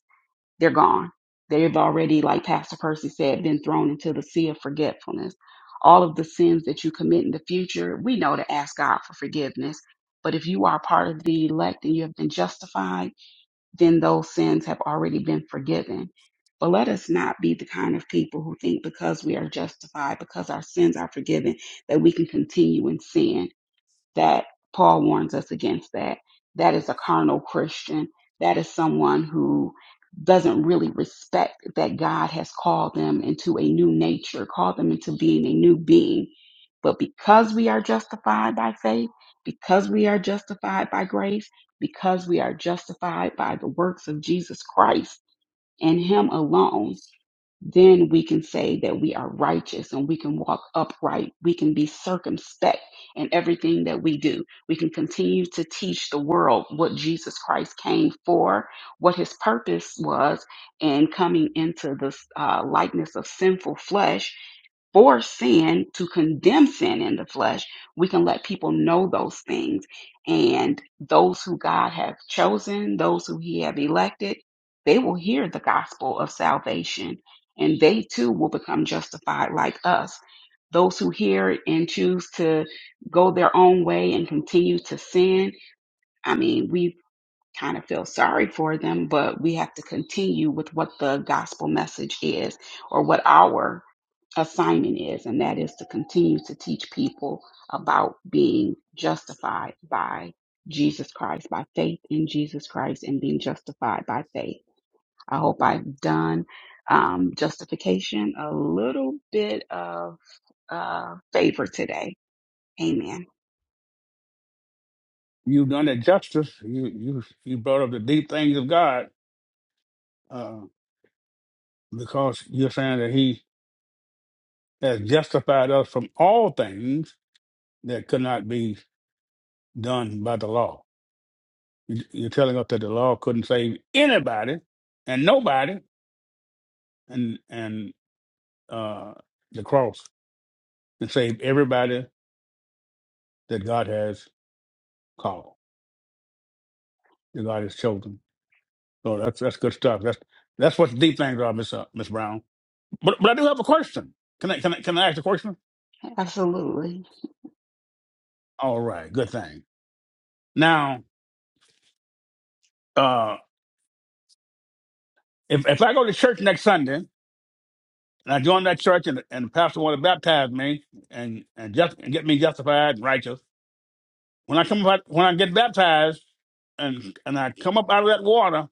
Speaker 3: they're gone. They've already, like Pastor Percy said, been thrown into the sea of forgetfulness. All of the sins that you commit in the future, we know to ask God for forgiveness. But if you are part of the elect and you have been justified, then those sins have already been forgiven. But let us not be the kind of people who think because we are justified, because our sins are forgiven, that we can continue in sin that Paul warns us against that. That is a carnal Christian. That is someone who doesn't really respect that God has called them into a new nature, called them into being a new being. But because we are justified by faith, because we are justified by grace, because we are justified by the works of Jesus Christ and Him alone, then we can say that we are righteous and we can walk upright. We can be circumspect in everything that we do. We can continue to teach the world what Jesus Christ came for, what his purpose was in coming into the uh, likeness of sinful flesh for sin to condemn sin in the flesh. We can let people know those things. And those who God have chosen, those who he have elected, they will hear the gospel of salvation and they too will become justified like us. Those who hear it and choose to go their own way and continue to sin, I mean, we kind of feel sorry for them, but we have to continue with what the gospel message is or what our assignment is, and that is to continue to teach people about being justified by Jesus Christ, by faith in Jesus Christ, and being justified by faith. I hope I've done um, justification, a little bit of uh, favor today. Amen.
Speaker 1: You've done that justice. You you you brought up the deep things of God uh, because you're saying that He has justified us from all things that could not be done by the law. You- You're telling us that the law couldn't save anybody and nobody, and and uh, the cross and save everybody that God has called, that God has chosen. So that's that's good stuff. That's that's what the deep things are, Miss uh, Miss Brown. But but I do have a question. Can I can I can I ask a question?
Speaker 3: Absolutely.
Speaker 1: All right, good thing. Now, uh, if if I go to church next Sunday and I join that church and and the pastor want to baptize me and and just and get me justified and righteous. When I come up, out- when I get baptized and and I come up out of that water,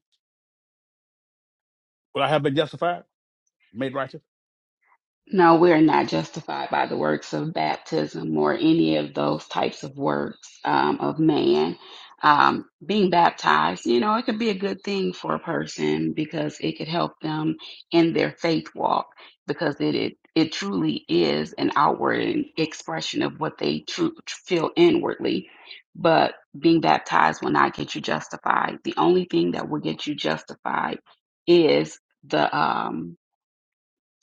Speaker 1: will I have been justified, made righteous?
Speaker 3: No, we're not justified by the works of baptism or any of those types of works um, of man. Um, being baptized, you know, it could be a good thing for a person because it could help them in their faith walk because it it, it truly is an outward expression of what they tru- feel inwardly. But being baptized will not get you justified. The only thing that will get you justified is the um,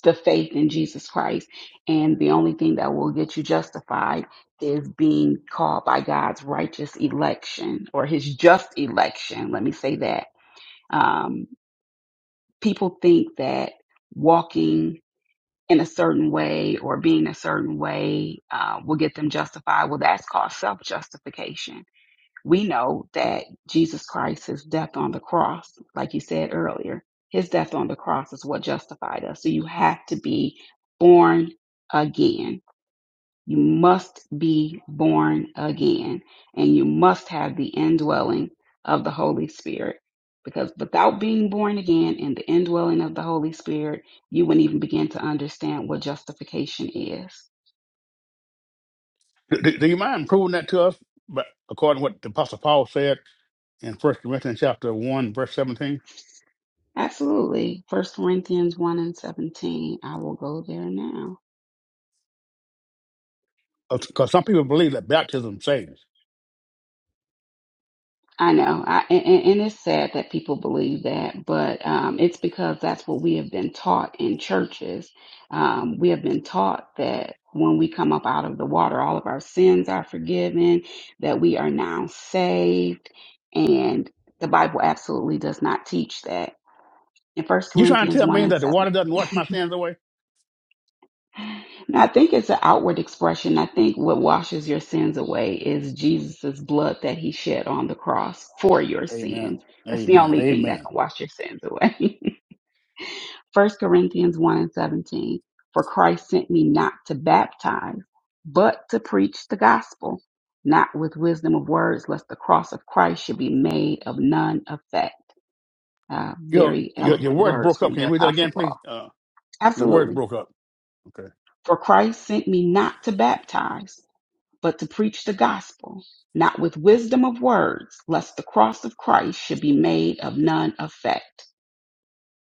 Speaker 3: the faith in Jesus Christ. And the only thing that will get you justified is being called by God's righteous election or his just election. Let me say that. Um, people think that walking in a certain way or being a certain way uh, will get them justified. Well, that's called self justification we know that Jesus Christ, his death on the cross, like you said earlier, his death on the cross is what justified us. So you have to be born again. You must be born again. And you must have the indwelling of the Holy Spirit. Because without being born again and the indwelling of the Holy Spirit, you wouldn't even begin to understand what justification is.
Speaker 1: Do, do- do you mind proving that to us? But according to what the Apostle Paul said in First Corinthians chapter one, verse seventeen,
Speaker 3: Absolutely. First Corinthians 1 and 17. I will go there now.
Speaker 1: because some people believe that baptism saves.
Speaker 3: I know, I, and, and it's sad that people believe that, but um, it's because that's what we have been taught in churches. Um, we have been taught that when we come up out of the water, all of our sins are forgiven, that we are now saved, and the Bible absolutely does not teach that. In First
Speaker 1: You trying to
Speaker 3: Corinthians
Speaker 1: tell
Speaker 3: 1
Speaker 1: me
Speaker 3: and
Speaker 1: that the
Speaker 3: 7,
Speaker 1: water doesn't wash my sins away?
Speaker 3: And I think it's an outward expression. I think what washes your sins away is Jesus' blood that he shed on the cross for your
Speaker 1: Amen.
Speaker 3: sins. That's the
Speaker 1: Amen.
Speaker 3: only thing that
Speaker 1: Amen.
Speaker 3: can wash your sins away. First Corinthians 1 and 17. For Christ sent me not to baptize, but to preach the gospel, not with wisdom of words, lest the cross of Christ should be made of none effect. Uh,
Speaker 1: Your
Speaker 3: very
Speaker 1: your, your
Speaker 3: eloquent
Speaker 1: words
Speaker 3: words
Speaker 1: broke up.
Speaker 3: from the
Speaker 1: Can you read that
Speaker 3: Apostle
Speaker 1: again,
Speaker 3: Paul.
Speaker 1: please? Uh, your words
Speaker 3: Absolutely.
Speaker 1: broke up. Okay.
Speaker 3: For Christ sent me not to baptize but to preach the gospel, not with wisdom of words, lest the cross of Christ should be made of none effect.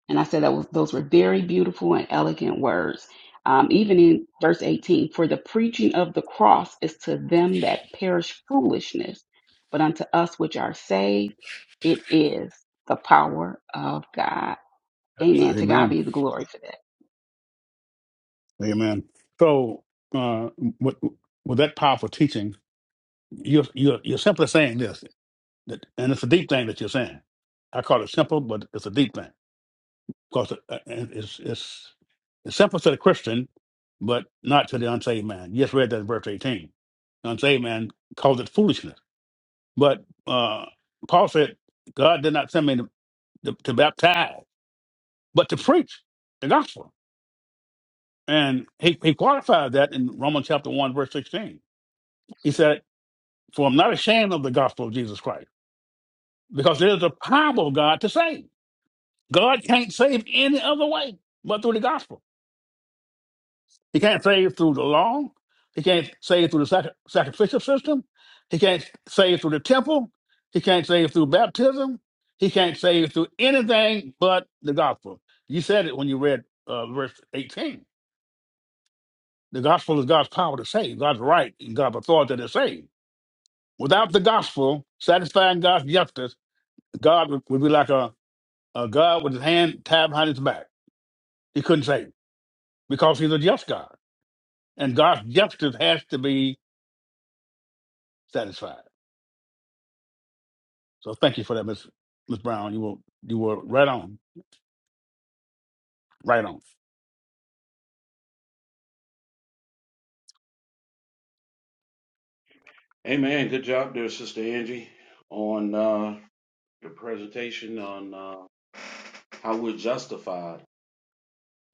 Speaker 3: And I said that was, those were very beautiful and elegant words. Um, even in verse 18, for the preaching of the cross is to them that perish foolishness, but unto us which are saved, it is the power of God. Amen. To God
Speaker 1: Amen.
Speaker 3: be the glory for that.
Speaker 1: Amen. So uh, with with that powerful teaching. You're you're you're simply saying this, that, and it's a deep thing that you're saying. I call it simple, but it's a deep thing because it, uh, it's it's it's simple to the Christian, but not to the unsaved man. You just read that in verse eighteen. The unsaved man calls it foolishness, but uh, Paul said God did not send me to, to, to baptize, but to preach the gospel, and he he qualified that in Romans chapter one verse sixteen. He said, "For I'm not ashamed of the gospel of Jesus Christ, because it is the power of God to save." God can't save any other way but through the gospel. He can't save through the law. He can't save through the sacri- sacrificial system. He can't save through the temple. He can't save through baptism. He can't save through anything but the gospel. You said it when you read uh, verse 18. The gospel is God's power to save, God's right, and God's authority to save. Without the gospel satisfying God's justice, God would would be like a, a God with his hand tied behind his back. He couldn't save because he's a just God. and God's justice has to be satisfied. So thank you for that, Miss Miss Brown. You were you were right on, right on.
Speaker 2: Hey man, good job there, Sister Angie, on uh, your presentation on uh, how we're justified.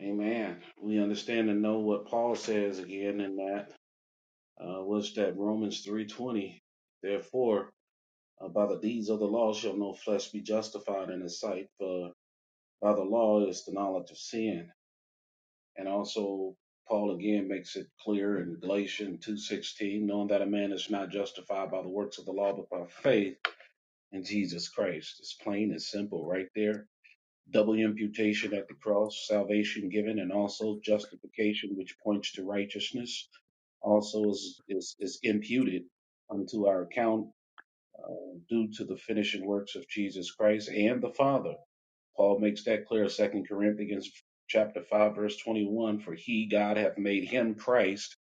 Speaker 2: Amen. We understand and know what Paul says again in that uh, what's that Romans three twenty. Therefore, uh, by the deeds of the law shall no flesh be justified in his sight, for by the law is the knowledge of sin. And also Paul again makes it clear in Galatians 2:16, knowing that a man is not justified by the works of the law but by faith in Jesus Christ. It's plain and simple right there. Double imputation at the cross, salvation given and also justification which points to righteousness also is is, is imputed unto our account uh, due to the finishing works of Jesus Christ and the Father Paul makes that clear in 2 Corinthians chapter 5, verse 21. For he, God, hath made him Christ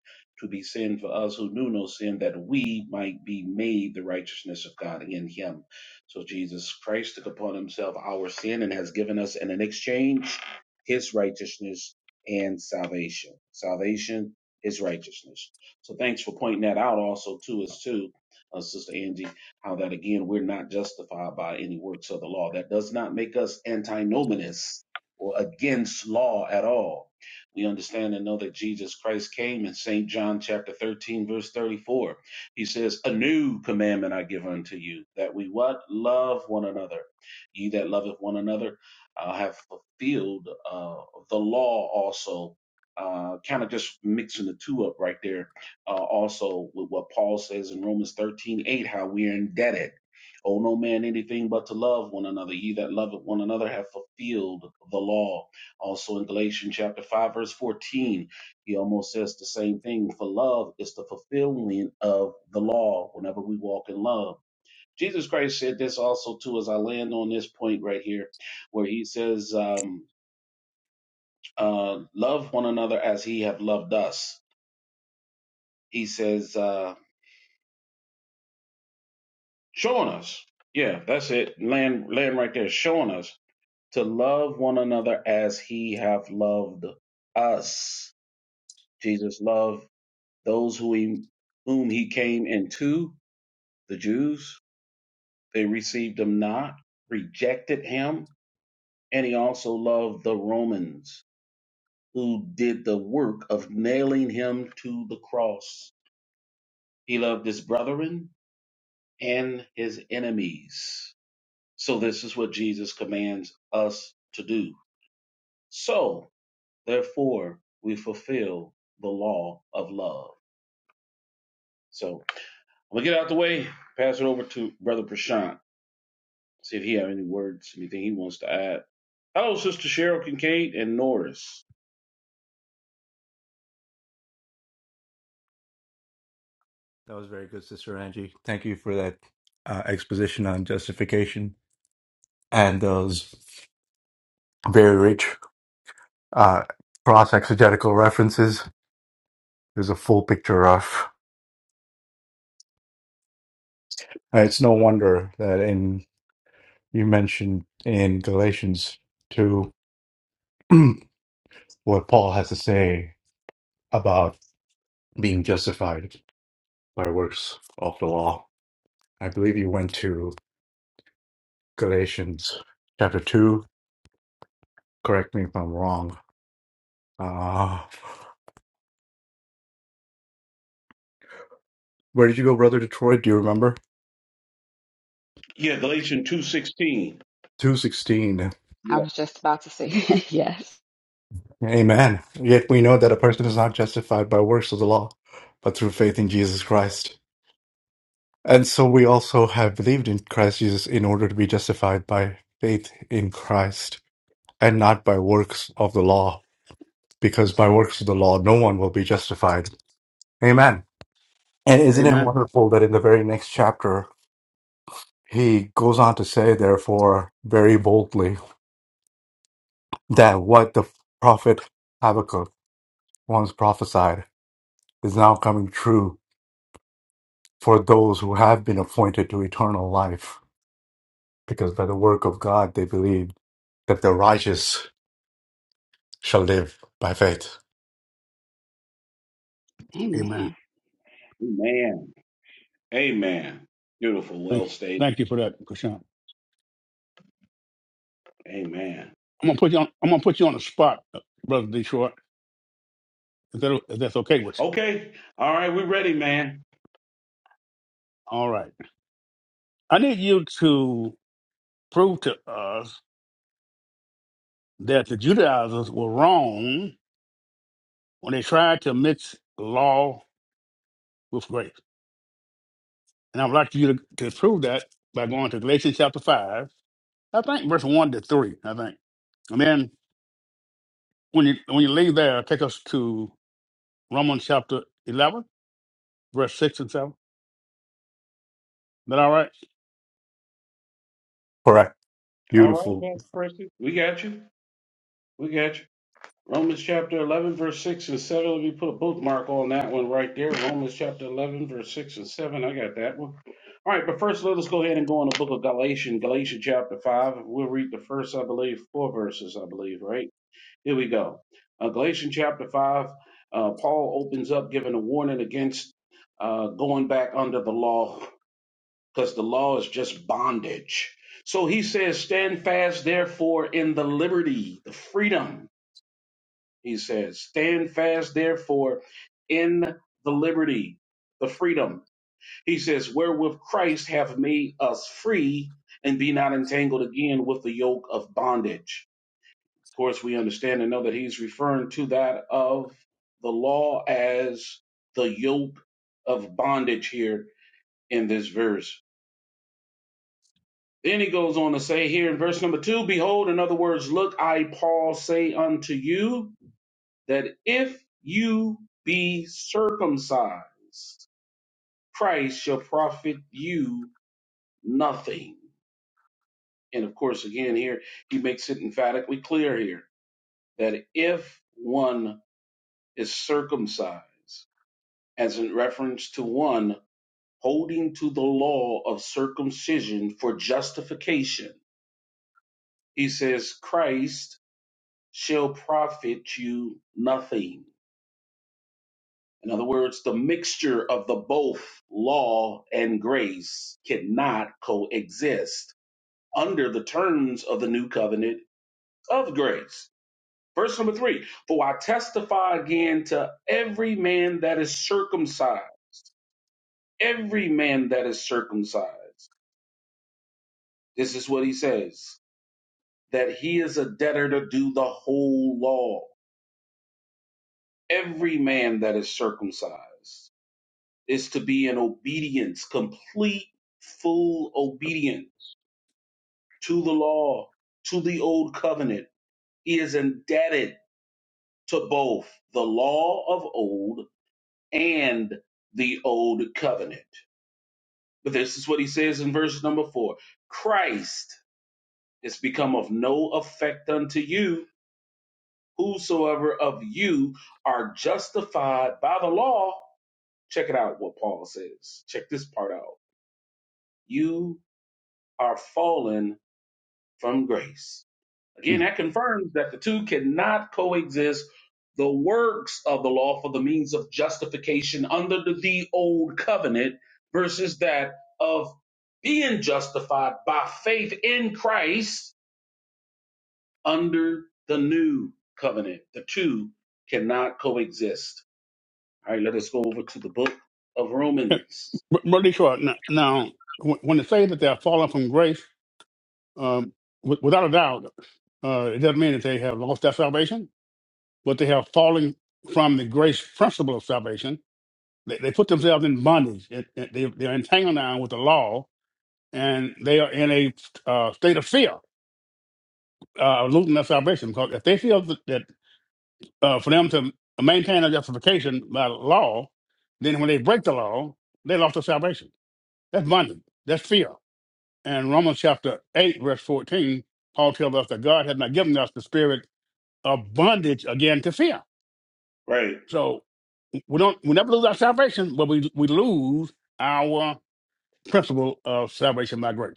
Speaker 2: to be sin for us who knew no sin, that we might be made the righteousness of God in him. So Jesus Christ took upon himself our sin and has given us in an exchange his righteousness and salvation. Salvation is righteousness. So thanks for pointing that out also to us too, uh, Sister Angie how that again, we're not justified by any works of the law. That does not make us antinomianists or against law at all. We understand and know that Jesus Christ came in St. John chapter 13, verse 34. He says, A new commandment I give unto you, that we what? Love one another. Ye that loveth one another uh, have fulfilled uh, the law also. Uh, kind of just mixing the two up right there uh, also with what Paul says in Romans 13 8, how we are indebted. Owe no man anything but to love one another. Ye that love one another have fulfilled the law. Also in Galatians chapter 5, verse 14, he almost says the same thing. For love is the fulfillment of the law whenever we walk in love. Jesus Christ said this also too, as I land on this point right here, where he says, um, uh, love one another as he have loved us. He says, uh, showing us. Yeah, that's it. Land land right there, showing us to love one another as he hath loved us. Jesus loved those who he, whom he came into, the Jews. They received him not, rejected him, and he also loved the Romans who did the work of nailing him to the cross. He loved his brethren and his enemies. So this is what Jesus commands us to do So, therefore, we fulfill the law of love. So, I'm gonna get out the way, pass it over to Brother Prashant, see if he have any words, anything he wants to add. Hello, Sister Cheryl Kincaid and Norris.
Speaker 4: That was very good, Sister Angie. Thank you for that uh, exposition on justification and those very rich uh, cross exegetical references. There's a full picture of. Uh, It's no wonder that in you mentioned in Galatians two what Paul has to say about being justified by works of the law. I believe you went to Galatians chapter two. Correct me if I'm wrong. Uh, Where did you go, brother? Detroit, do you remember?
Speaker 2: Yeah, Galatians two sixteen.
Speaker 4: 216.
Speaker 3: I
Speaker 2: Yeah,
Speaker 3: was just about to say yes.
Speaker 4: Amen. Yet we know that a person is not justified by works of the law, but through faith in Jesus Christ. And so we also have believed in Christ Jesus in order to be justified by faith in Christ and not by works of the law, because by works of the law, no one will be justified. Amen. And isn't it
Speaker 1: Amen.
Speaker 4: wonderful that in the very next chapter, he goes on to say, therefore, very boldly, that what the prophet Habakkuk once prophesied is now coming true for those who have been appointed to eternal life, because by the work of God they believe that the righteous shall live by faith.
Speaker 1: Amen.
Speaker 3: Amen.
Speaker 2: amen, amen. Beautiful,
Speaker 1: Thank
Speaker 2: well
Speaker 1: you.
Speaker 2: stated.
Speaker 1: Thank you for that, Krishan.
Speaker 2: Amen.
Speaker 1: I'm gonna put you on. I'm gonna put you on the spot, brother Detroit. If, that, if that's okay with you.
Speaker 2: Okay, all right, we're ready, man.
Speaker 1: All right. I need you to prove to us that the Judaizers were wrong when they tried to mix law with grace. And I would like you to, to prove that by going to Galatians chapter 5, I think verse 1 to 3, I think. And then when you when you leave there, take us to Romans chapter 11, verse 6 and 7. Is that all right?
Speaker 4: Correct.
Speaker 2: All right,
Speaker 4: Beautiful.
Speaker 2: Pastor Percy, we got you. We got you. Romans chapter 11, verse 6 and 7. Let me put a bookmark on that one right there. Romans chapter 11, verse 6 and 7. I got that one. All right, but first let us go ahead and go on the book of Galatians, Galatians chapter 5. We'll read the first, I believe, four verses, I believe, right? Here we go. Uh, Galatians chapter 5, uh, Paul opens up giving a warning against uh, going back under the law because the law is just bondage. So he says, Stand fast, therefore, in the liberty, the freedom he says, Stand fast, therefore, in the liberty, the freedom. He says, Wherewith Christ hath made us free, and be not entangled again with the yoke of bondage. Of course, we understand and know that he's referring to that of the law as the yoke of bondage here in this verse. Then he goes on to say here in verse number two, Behold, in other words, look, I, Paul, say unto you, that if you be circumcised, Christ shall profit you nothing. And of course, again, here he makes it emphatically clear here that if one is circumcised, as in reference to one holding to the law of circumcision for justification, he says, Christ shall profit you nothing In other words, the mixture of the both law and grace cannot coexist under the terms of the new covenant of grace. Verse number three For I testify again to every man that is circumcised, every man that is circumcised. This is what he says that he is a debtor to do the whole law. Every man that is circumcised is to be in obedience, complete, full obedience to the law, to the old covenant. He is indebted to both the law of old and the old covenant. But this is what he says in verse number four Christ is become of no effect unto you, whosoever of you are justified by the law. Check it out what Paul says. Check this part out. You are fallen from grace Again,
Speaker 1: Mm.
Speaker 2: that confirms that the two cannot coexist. The works of the law for the means of justification under the, the old covenant versus that of being justified by faith in Christ under the new covenant. The two cannot coexist. All right, let us go over to the book of Romans.
Speaker 1: Br- Brother Detroit, now, now when when it says that they are fallen from grace, um, w- without a doubt, uh, it doesn't mean that they have lost their salvation, but they have fallen from the grace principle of salvation. They, they put themselves in bondage. It, it- they, they're entangled now with the law and they are in a uh, state of fear, uh, of losing their salvation. Because if they feel that, that uh, for them to maintain their justification by law, then when they break the law, they lost their salvation. That's bondage. That's fear. And Romans chapter 8, verse 14, Paul tells us that God has not given us the spirit of bondage again to fear.
Speaker 2: Right.
Speaker 1: So we don't we never lose our salvation, but we we lose our principle of salvation by grace.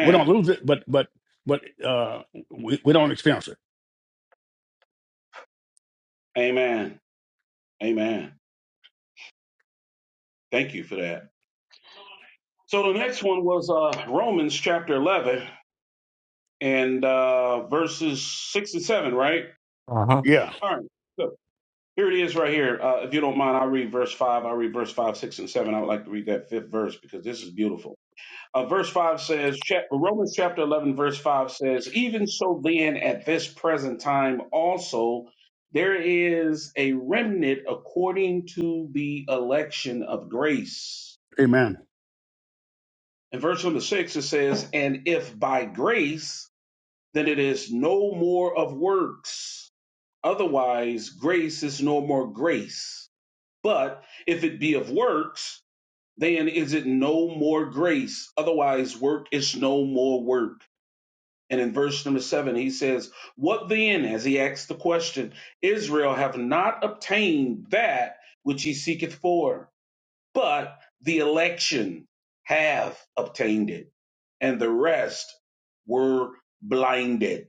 Speaker 1: We don't lose it, but but but uh, we we don't experience it.
Speaker 2: Amen. Amen. Thank you for that. So the next one was uh, Romans chapter 11 and uh, verses six and seven, right?
Speaker 4: Uh-huh.
Speaker 1: Yeah,
Speaker 2: All right. So here it is right here. Uh, if you don't mind, I'll read verse five. I'll read verse five, six, and seven. I would like to read that fifth verse because this is beautiful. Uh, verse five says, chap- Romans chapter 11, verse five says, Even so then, at this present time also, there is a remnant according to the election of grace.
Speaker 1: amen.
Speaker 2: In verse number six, it says, And if by grace, then it is no more of works Otherwise, grace is no more grace. But if it be of works, then is it no more grace. Otherwise, work is no more work. And in verse number seven, he says, What then, as he asks the question, Israel have not obtained that which he seeketh for, but the election have obtained it, and the rest were blinded.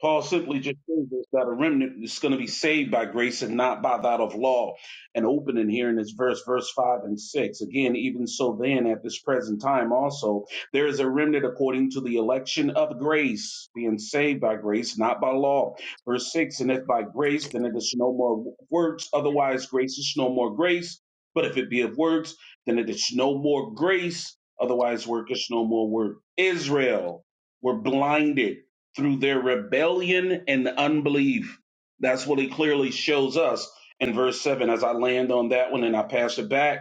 Speaker 2: Paul simply just shows us that a remnant is going to be saved by grace and not by that of law. And opening here in this verse, verse 5 and 6. Again, even so then, at this present time also, there is a remnant according to the election of grace, being saved by grace, not by law. Verse 6 And if by grace, then it is no more works, otherwise grace is no more grace. But if it be of works, then it is no more grace, otherwise work is no more work. Israel were blinded through their rebellion and unbelief. That's what he clearly shows us in verse 7. As I land on that one and I pass it back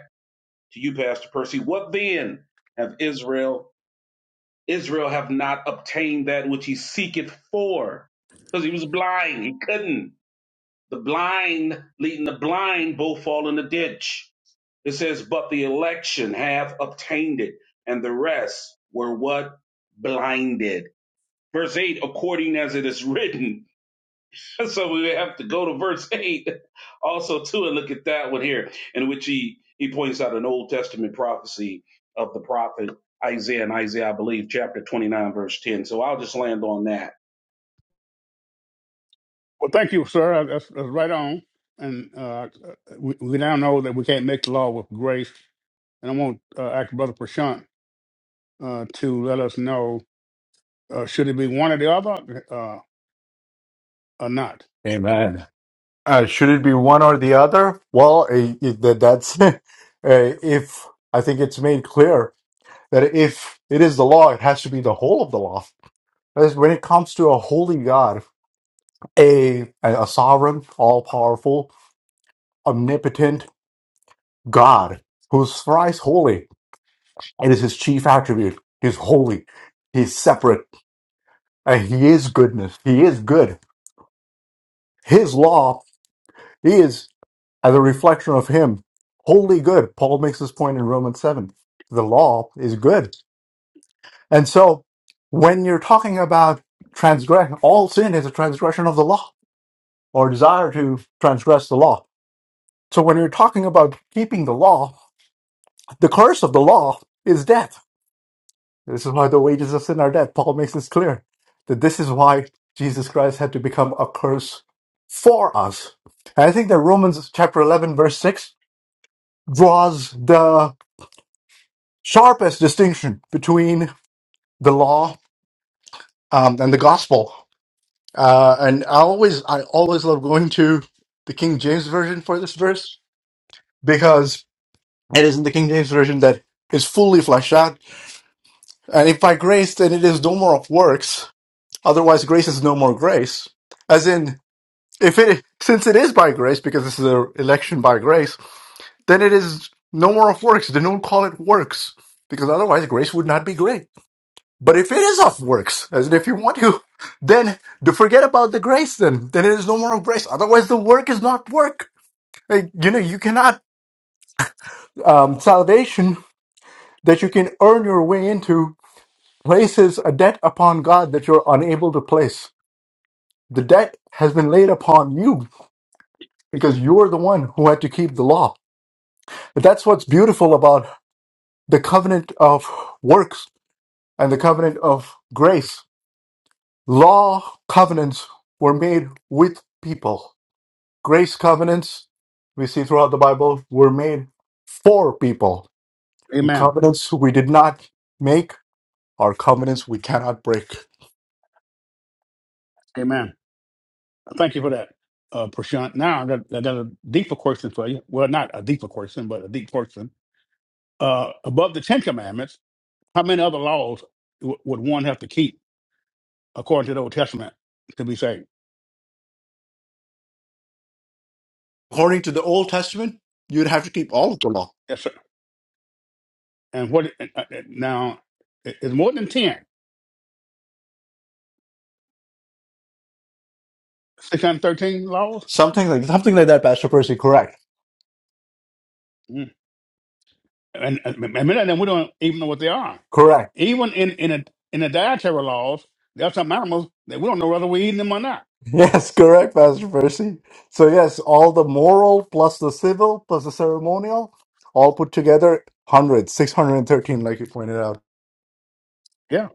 Speaker 2: to you, Pastor Percy, what then have Israel, Israel have not obtained that which he seeketh for? Because he was blind, he couldn't. The blind leading the blind both fall in the ditch. It says, But the election have obtained it, and the rest were what? Blinded. Verse 8, according as it is written, so we have to go to verse 8 also too and look at that one here in which he he points out an old testament prophecy of the prophet isaiah and isaiah i believe chapter 29 verse 10 so i'll just land on that
Speaker 1: Well, thank you, sir. That's, that's right on. And uh, we, we now know that we can't make the law with grace. And I want uh, ask Brother Prashant uh, to let us know uh, should it be one or the other uh, or not.
Speaker 4: Amen. Uh, should it be one or the other? Well, eh, eh, that- that's eh, if I think it's made clear that if it is the law, it has to be the whole of the law. As When it comes to a holy God, a a a sovereign, all powerful, omnipotent. God, who is thrice holy, it is his chief attribute. He's holy, he's separate, and he is goodness, he is good. His law is, as a reflection of him, wholly good. Paul makes this point in Romans 7. The law is good. And so when you're talking about transgression, all sin is a transgression of the law or desire to transgress the law. So when you're talking about keeping the law, the curse of the law is death This is why the wages of sin are death. Paul makes this clear that this is why Jesus Christ had to become a curse for us. And I think that Romans chapter 11, verse 6 draws the sharpest distinction between the law um, and the gospel. Uh, and I always, I always love going to the King James version for this verse because it is in the King James version that is fully fleshed out. And if by grace, then it is no more of works, Otherwise, grace is no more grace. As in, if it since it is by grace, because this is an election by grace, then it is no more of works. They don't call it works because otherwise grace would not be great. But if it is of works, as in if you want to, then to forget about the grace. Then then it is no more of grace. Otherwise, the work is not work. Like, you know, you cannot um, salvation that you can earn your way into places a debt upon God that you're unable to place. The debt has been laid upon you because you are the one who had to keep the law. But that's what's beautiful about the covenant of works and the covenant of grace. Law covenants were made with people. Grace covenants we see throughout the Bible were made for people. And
Speaker 1: Amen.
Speaker 4: covenants we did not make are covenants we cannot break.
Speaker 1: Amen. Thank you for that, uh, Prashant. Now I got, I got a deeper question for you. Well, not a deeper question, but a deep question. Uh, above the Ten Commandments, how many other laws w- would one have to keep? according to the Old Testament to be saved.
Speaker 4: According to the Old Testament, you'd have to keep all of the law.
Speaker 1: Yes, sir. And what uh, uh, now? it- It's more than 10, 613 laws,
Speaker 4: Something like something like that, Pastor Percy. Correct.
Speaker 1: Mm. and, and, and many of them we don't even know what they are.
Speaker 4: Correct.
Speaker 1: Even in in a, in the dietary laws, there are some animals that we don't know whether we're eating them or not.
Speaker 4: Yes, correct, Pastor Percy. So, yes, all the moral plus the civil plus the ceremonial, all put together, 100 613, like you pointed out.
Speaker 1: Yeah.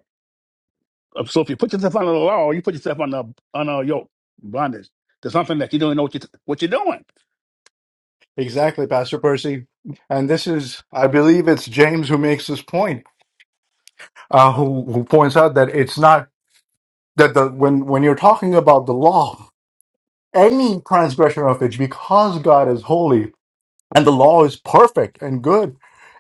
Speaker 1: Uh, So if you put yourself under the law, you put yourself under under a yoke bondage to something that you don't even know what you what you're doing.
Speaker 4: Exactly, Pastor Percy. And this is, I believe it's James who makes this point, uh, who, who points out that it's not that the when, when you're talking about the law, any transgression of it, because God is holy, and the law is perfect and good.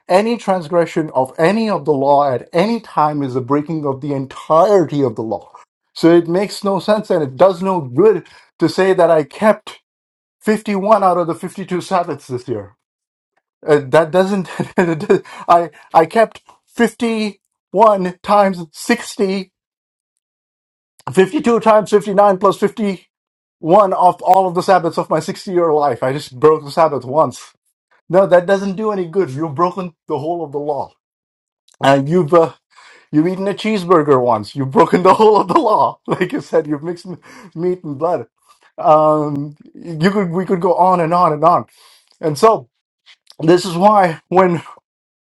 Speaker 4: Any transgression of any of the law at any time is the breaking of the entirety of the law. So it makes no sense and it does no good to say that I kept 51 out of the 52 Sabbaths this year. Uh, that doesn't, I, I kept 51 times 60, 52 times 59 plus 51 of all of the Sabbaths of my 60 year life. I just broke the Sabbath once no, that doesn't do any good. You've broken the whole of the law. And you've uh, you've eaten a cheeseburger once. You've broken the whole of the law. Like you said, you've mixed m- meat and blood. Um, you could we could go on and on and on. And so this is why when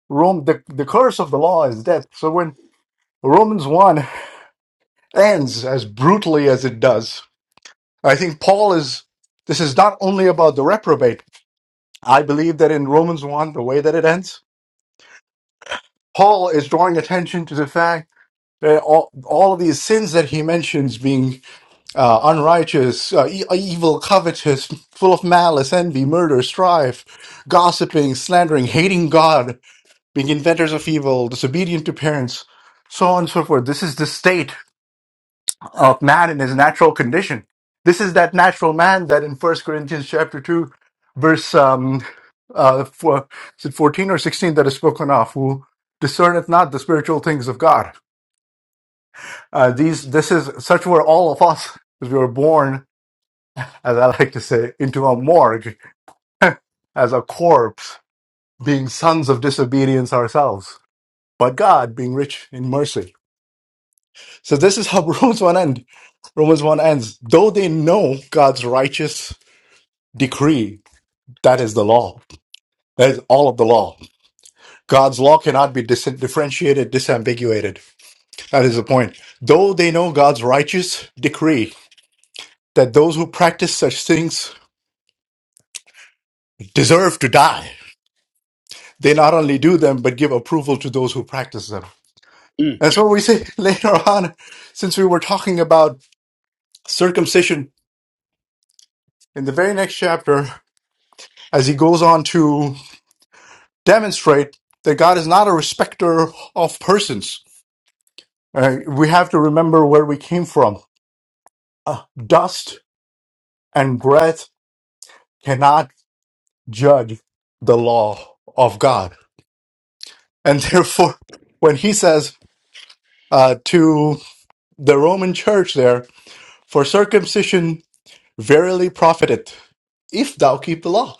Speaker 4: Rome the, the curse of the law is death. So when Romans one ends as brutally as it does, I think Paul is this is not only about the reprobate. I believe that in Romans one, the way that it ends, Paul is drawing attention to the fact Uh, all, all of these sins that he mentions being uh, unrighteous, uh, e- uh, evil, covetous, full of malice, envy, murder, strife, gossiping, slandering, hating God, being inventors of evil, disobedient to parents, so on and so forth. This is the state of man in his natural condition. This is that natural man that in First Corinthians chapter 2, verse um, uh, four, is it 14 or 16 that is spoken of, who discerneth not the spiritual things of God Uh, these, this is such were all of us. We were born, as I like to say, into a morgue as a corpse, being sons of disobedience ourselves. But God, being rich in mercy. So this is how Romans one end. Romans one ends. Though they know God's righteous decree, that is the law. That is all of the law. God's law cannot be dis- differentiated, disambiguated. That is the point. Though they know God's righteous decree that those who practice such things deserve to die they not only do them but give approval to those who practice them.
Speaker 1: Mm.
Speaker 4: That's what we see later on, since we were talking about circumcision in the very next chapter, as he goes on to demonstrate that God is not a respecter of persons. Uh, we have to remember where we came from. Uh, dust and breath cannot judge the law of God. And therefore, when he says uh, to the Roman church there, for circumcision Verily profiteth, if thou keep the law.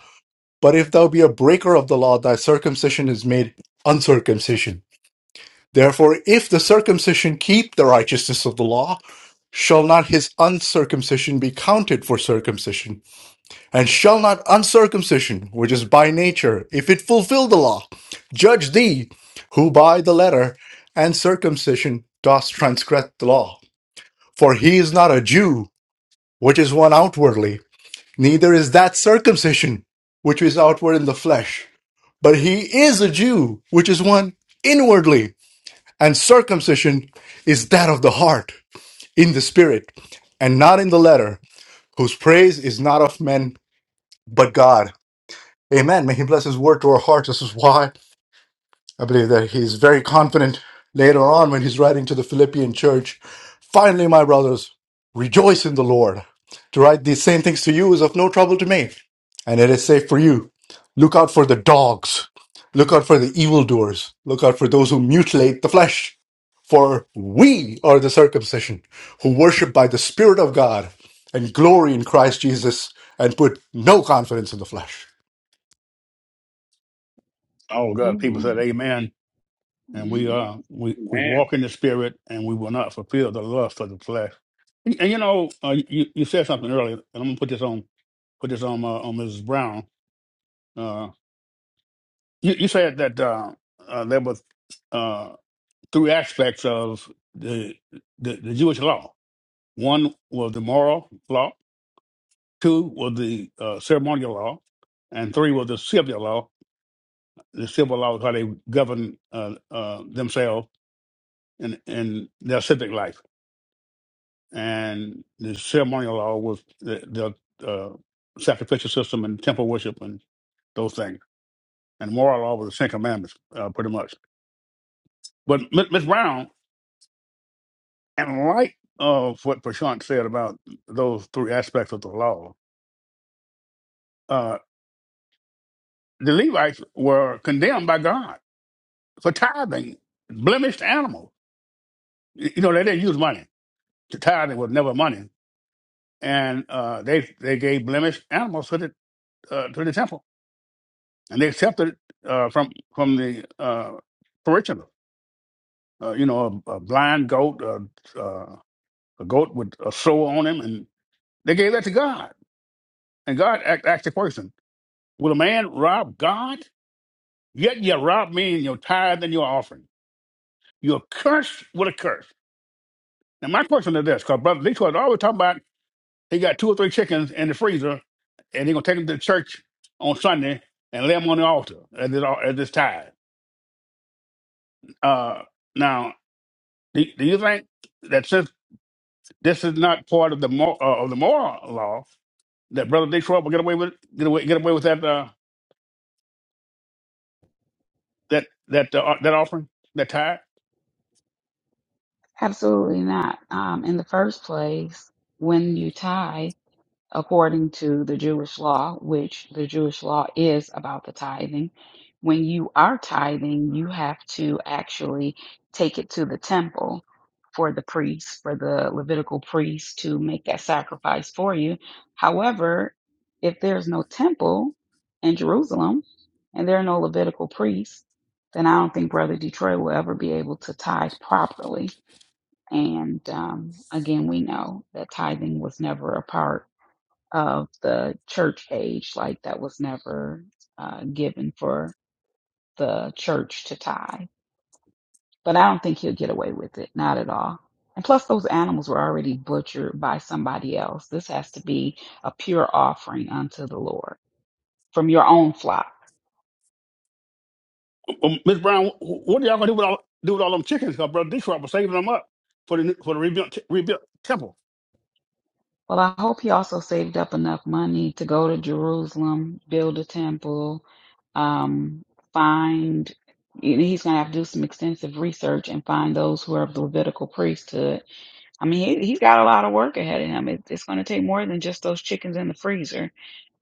Speaker 4: But if thou be a breaker of the law, thy circumcision is made uncircumcision. Therefore, if the circumcision keep the righteousness of the law, shall not his uncircumcision be counted for circumcision? And shall not uncircumcision, which is by nature, if it fulfill the law, judge thee, who by the letter and circumcision dost transgress the law? For he is not a Jew, which is one outwardly Neither is that circumcision, which is outward in the flesh, but he is a Jew, which is one inwardly. And circumcision is that of the heart, in the spirit, and not in the letter, whose praise is not of men, but God. Amen. May he bless his word to our hearts. This is why. I believe that he's very confident later on when he's writing to the Philippian church. Finally, my brothers, rejoice in the Lord. To write these same things to you is of no trouble to me, and it is safe for you. Look out for the dogs. Look out for the evildoers. Look out for those who mutilate the flesh. For we are the circumcision who worship by the Spirit of God and glory in Christ Jesus and put no confidence in the flesh.
Speaker 1: Oh God, people said
Speaker 3: Amen.
Speaker 1: Amen and we uh we we walk in the spirit and we will not fulfill the lust of the flesh and, and you know uh, you you said something earlier and i'm gonna put this on put this on uh, on mrs brown uh you, you said that uh, uh there was uh three aspects of the, the the jewish law one was the moral law two was the uh, ceremonial law and three was the civil law the civil law is how they govern uh, uh, themselves in, in their civic life and the ceremonial law was the, the uh, sacrificial system and temple worship and those things. And moral law was the Ten Commandments, uh, pretty much. But M- Ms. Brown, in light of what Prashant said about those three aspects of the law, uh, the Levites were condemned by God for tithing blemished animals. Y- You know, they didn't use money. The tithing was never money. And uh, they they gave blemished animals to the, uh, to the temple and they accepted it uh, from from the uh, parishioner. Uh, you know, a, a blind goat, uh, uh, a goat with a soul on him, and they gave that to God. And God asked, asked the question, "Will a man rob God? Yet you rob me in your tithe and your offering. You're cursed with a curse." Now my question is this, because brother Detroit always talking about he got two or three chickens in the freezer, and they're gonna take them to church on Sunday and lay them on the altar at this, al- at this tithe. Uh, now Do, do you think that since this is not part of the mor- uh, of the moral law, that Brother Detroit will get away with get away get away with that uh, that that uh, uh, that offering that tithe?
Speaker 3: Absolutely not. Um, in the first place, when you tithe, according to the Jewish law, which the Jewish law is about the tithing, when you are tithing, you have to actually take it to the temple for the priest, for the Levitical priest to make that sacrifice for you. However, if there's no temple in Jerusalem and there are no Levitical priests, then I don't think Brother Detroit will ever be able to tithe properly and um, again, we know that tithing was never a part of the church age, like that was never uh, given for the church to tithe. But I don't think he'll get away with it, not at all. And plus, those animals were already butchered by somebody else. This has to be a pure offering unto the Lord from your own flock
Speaker 1: Um, Miss Brown, wh- what are y'all gonna do with all do with all them chickens? Because Brother Detroit was saving them up for the new- for the rebuilt t- rebuilt temple.
Speaker 3: Well, I hope he also saved up enough money to go to Jerusalem, build a temple, um, find, you know, he's going to have to do some extensive research and find those who are of the Levitical priesthood. I mean, he, he's got a lot of work ahead of him. It, it's going to take more than just those chickens in the freezer.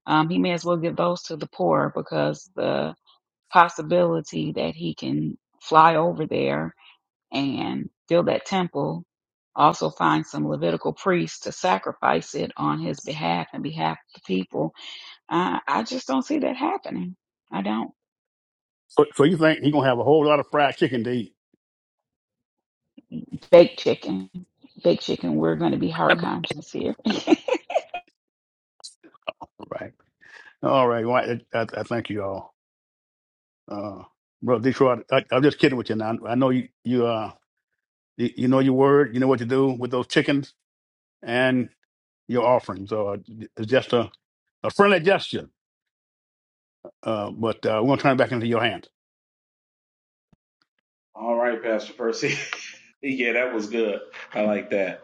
Speaker 3: Um, he may as well give those to the poor because the possibility that he can fly over there and build that temple. Also find some Levitical priests to sacrifice it on his behalf and behalf of the people. I, I just don't see that happening. I don't.
Speaker 1: So, so you think he gonna have a whole lot of fried chicken to eat?
Speaker 3: Baked chicken. Baked chicken, we're going to be heart conscious here.
Speaker 1: Right. All right. Well, I, I, I thank you all, uh, Brother Detroit. I, I'm just kidding with you now. I know you you uh you, you know your word. You know what to do with those chickens. your offering. So uh, it's just a, a friendly gesture, uh, but uh, we're going to turn it back into your hands.
Speaker 2: All right, Pastor Percy. yeah, that was good. I like that.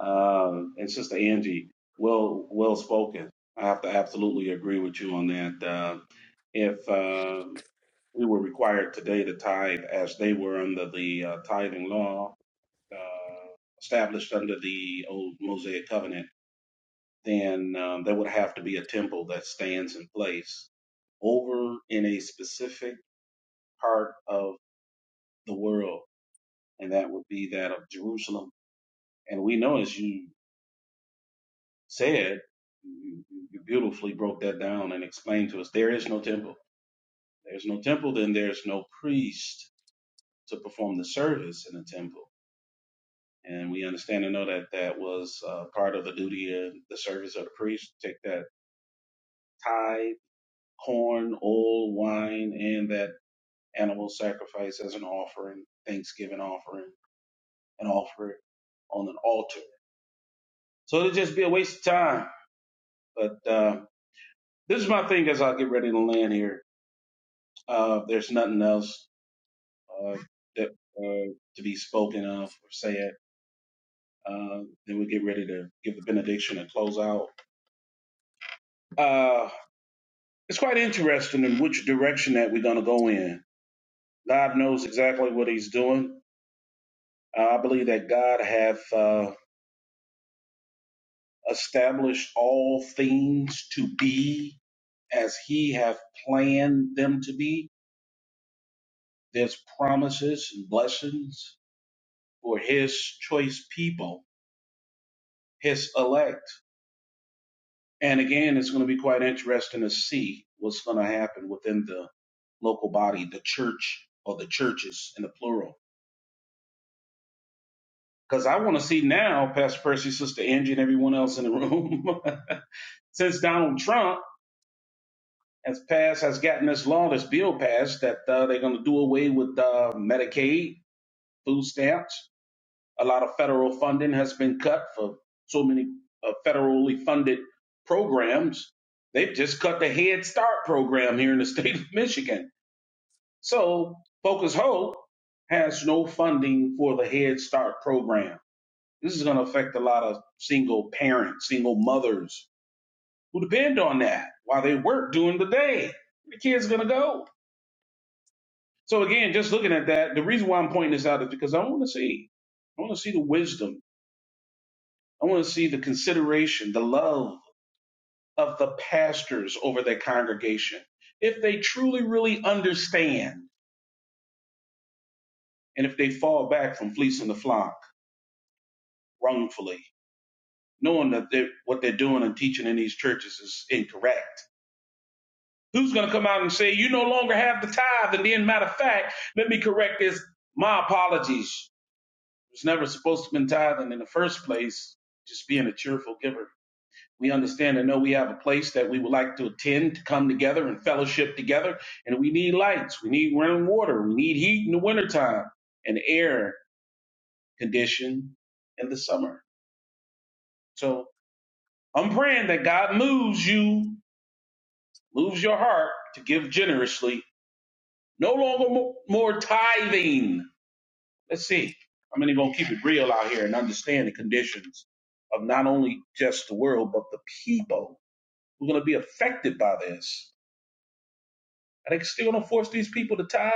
Speaker 2: Um, and Sister Angie, well, well spoken. I have to absolutely agree with you on that. Uh, if uh, we were required today to tithe as they were under the uh, tithing law uh, established under the old Mosaic covenant, then um, there would have to be a temple that stands in place over in a specific part of the world and that would be that of Jerusalem. And we know, as you said, you you beautifully broke that down and explained to us there is no temple. There's no temple, then there's no priest to perform the service in the temple. And we understand and know that that was uh, part of the duty of the service of the priest to take that tithe, corn, oil, wine, and that animal sacrifice as an offering, thanksgiving offering, and offer it on an altar. So it'd just be a waste of time. But uh, This is my thing as I get ready to land here. Uh, there's nothing else uh, that uh, to be spoken of or said. Uh, then we'll get ready to give the benediction and close out. Uh, it's quite interesting in which direction that we're going to go in. God knows exactly what He's doing. Uh, I believe that God hath uh, established all things to be as He hath planned them to be. There's promises and blessings for His choice people his elect. And again, it's going to be quite interesting to see what's going to happen within the local body, the church or the churches in the plural. Because I want to see now, Pastor Percy, Sister Angie, and everyone else in the room, since Donald Trump has passed, has gotten this law, this bill passed, that uh, they're going to do away with uh, Medicaid, food stamps. A lot of federal funding has been cut for so many uh, federally funded programs. They've just cut the Head Start program here in the state of Michigan. So Focus Hope has no funding for the Head Start program. This is going to affect a lot of single parents, single mothers who depend on that while they work during the day. Where the kid's going to go? So again, just looking at that, the reason why I'm pointing this out is because I want to see, I want to see the wisdom I want to see the consideration, the love of the pastors over their congregation. If they truly, really understand, and if they fall back from fleecing the flock wrongfully, knowing that they're, what they're doing and teaching in these churches is incorrect. Who's going to come out and say, you no longer have the tithe? And then, matter of fact, let me correct this. My apologies. It was never supposed to have been tithing in the first place, just being a cheerful giver. We understand and know we have a place that we would like to attend, to come together and fellowship together. And we need lights, we need running water, we need heat in the wintertime, and air condition in the summer. So I'm praying that God moves you, moves your heart to give generously, no longer mo- more tithing. Let's see. How many gonna keep it real out here and understand the conditions of not only just the world, but the people who are gonna be affected by this? Are they still gonna force these people to tithe.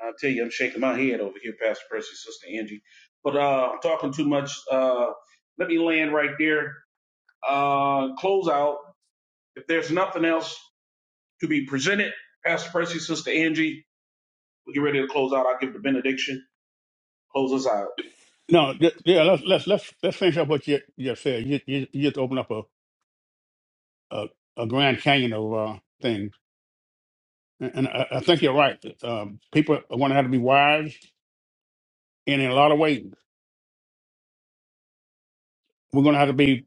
Speaker 2: I tell you, I'm shaking my head over here, Pastor Percy, Sister Angie. But uh, I'm talking too much. Uh, let me land right there. Uh, close out. If there's nothing else to be presented, Pastor Percy, Sister Angie, we get ready to close out. I'll give the benediction. Close us out.
Speaker 1: No, th- yeah, let's let's let's let's finish up what you you said. You you, you just open up a, a a Grand Canyon of uh, things, and, and I, I think you're right. Um, people are going to have to be wise, and in a lot of ways, we're going to have to be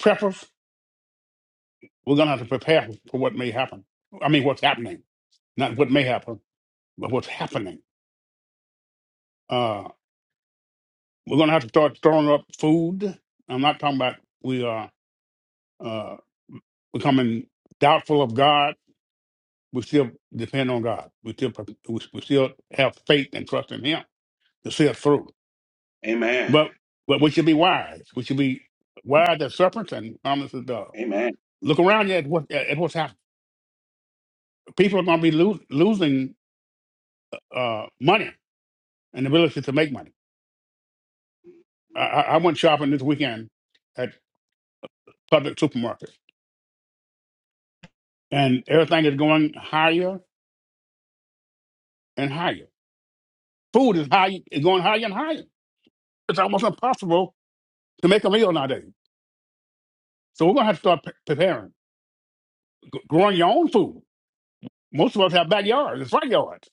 Speaker 1: preppers. We're going to have to prepare for what may happen. I mean, what's happening, not what may happen, but what's happening. Uh, we're going to have to start throwing up food. I'm not talking about we are uh, becoming doubtful of God we still depend on God. We still we we still have faith and trust in Him to see us through.
Speaker 2: Amen.
Speaker 1: But but we should be wise. We should be wise as serpents and harmless as doves.
Speaker 2: Amen.
Speaker 1: Look around you at what at what's happening. People are going to be lo- losing uh, money and the ability to make money. I, I I went shopping this weekend at public supermarkets, and everything is going higher and higher. Food is high, is going higher and higher. It's almost impossible to make a meal nowadays. So we're going to have to start pre- preparing G- growing your own food. Most of us have backyards and front yards.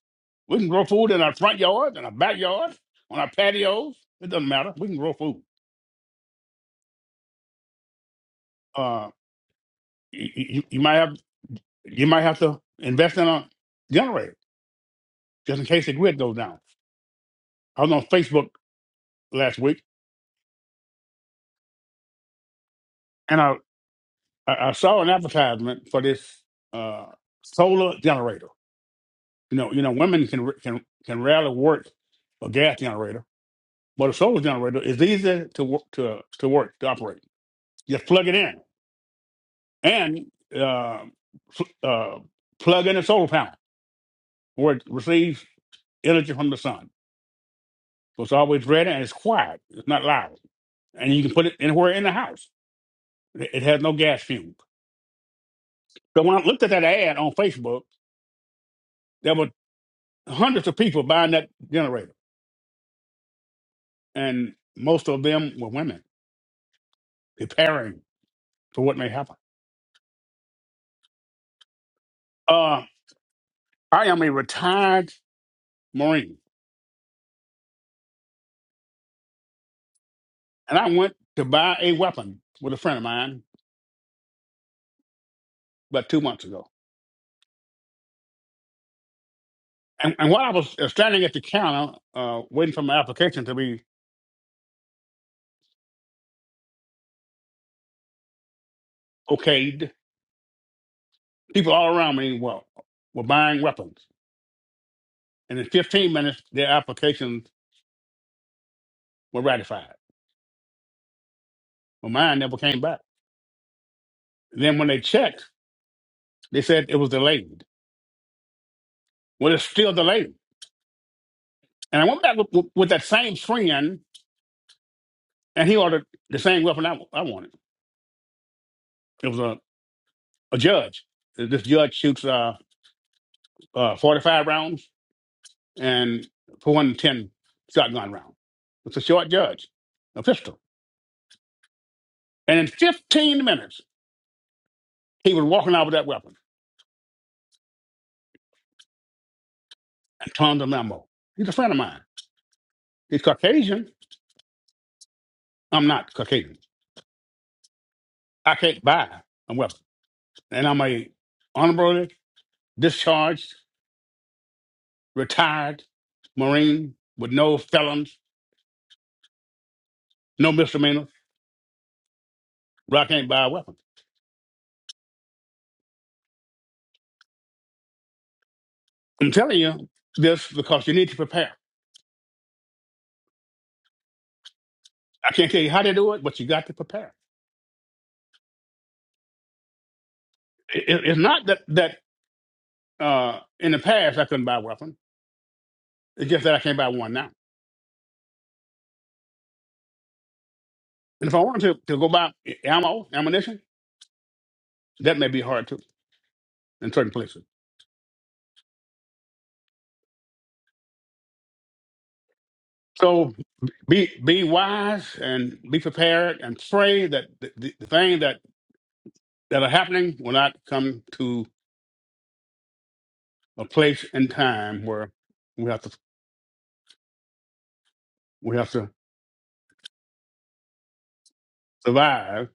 Speaker 1: We can grow food in our front yards and our backyards, on our patios. It doesn't matter. We can grow food. Uh, you, you, you might have you might have to invest in a generator just in case the grid goes down. I was on Facebook last week and I I I saw an advertisement for this uh, solar generator. You know, you know, women can can can rarely work a gas generator, but a solar generator is easy to work to to work to operate Just plug it in and uh, pl- uh, plug in a solar panel where it receives energy from the sun. So it's always ready and it's quiet. It's not loud. And you can put it anywhere in the house. It it has no gas fumes. So when I looked at that ad on Facebook, there were hundreds of people buying that generator. And most of them were women preparing for what may happen. Uh, I am a retired Marine. And I went to buy a weapon with a friend of mine about two months ago And, and while I was uh, standing at the counter, uh, waiting for my application to be okayed, people all around me were, were buying weapons. And in 15 minutes, their applications were ratified. Well, mine never came back. then when they checked, they said it was delayed. Well, it's still delayed. And I went back with, with, with that same friend, and he ordered the same weapon I, I wanted. It was a, a judge. This judge shoots uh, uh, 45 rounds. and for one ten shotgun round. It's a short judge, a pistol. And in 15 minutes, he was walking out with that weapon and turned the He's a friend of mine. He's Caucasian. I'm not Caucasian. I can't buy a weapon. And I'm a honorably discharged, retired Marine with no felons, no misdemeanors, but I can't buy a weapon. I'm telling you this because you need to prepare. I can't tell you how to do it, but you got to prepare. It- it- it's not that that Uh, in the past, I couldn't buy a weapon. It's just that I can't buy one now. And if I wanted to, to go buy ammo, ammunition, that may be hard too in certain places. So be be wise and be prepared and pray that the, the, the thing that that are happening will not come to a place and time where we have to we have to survive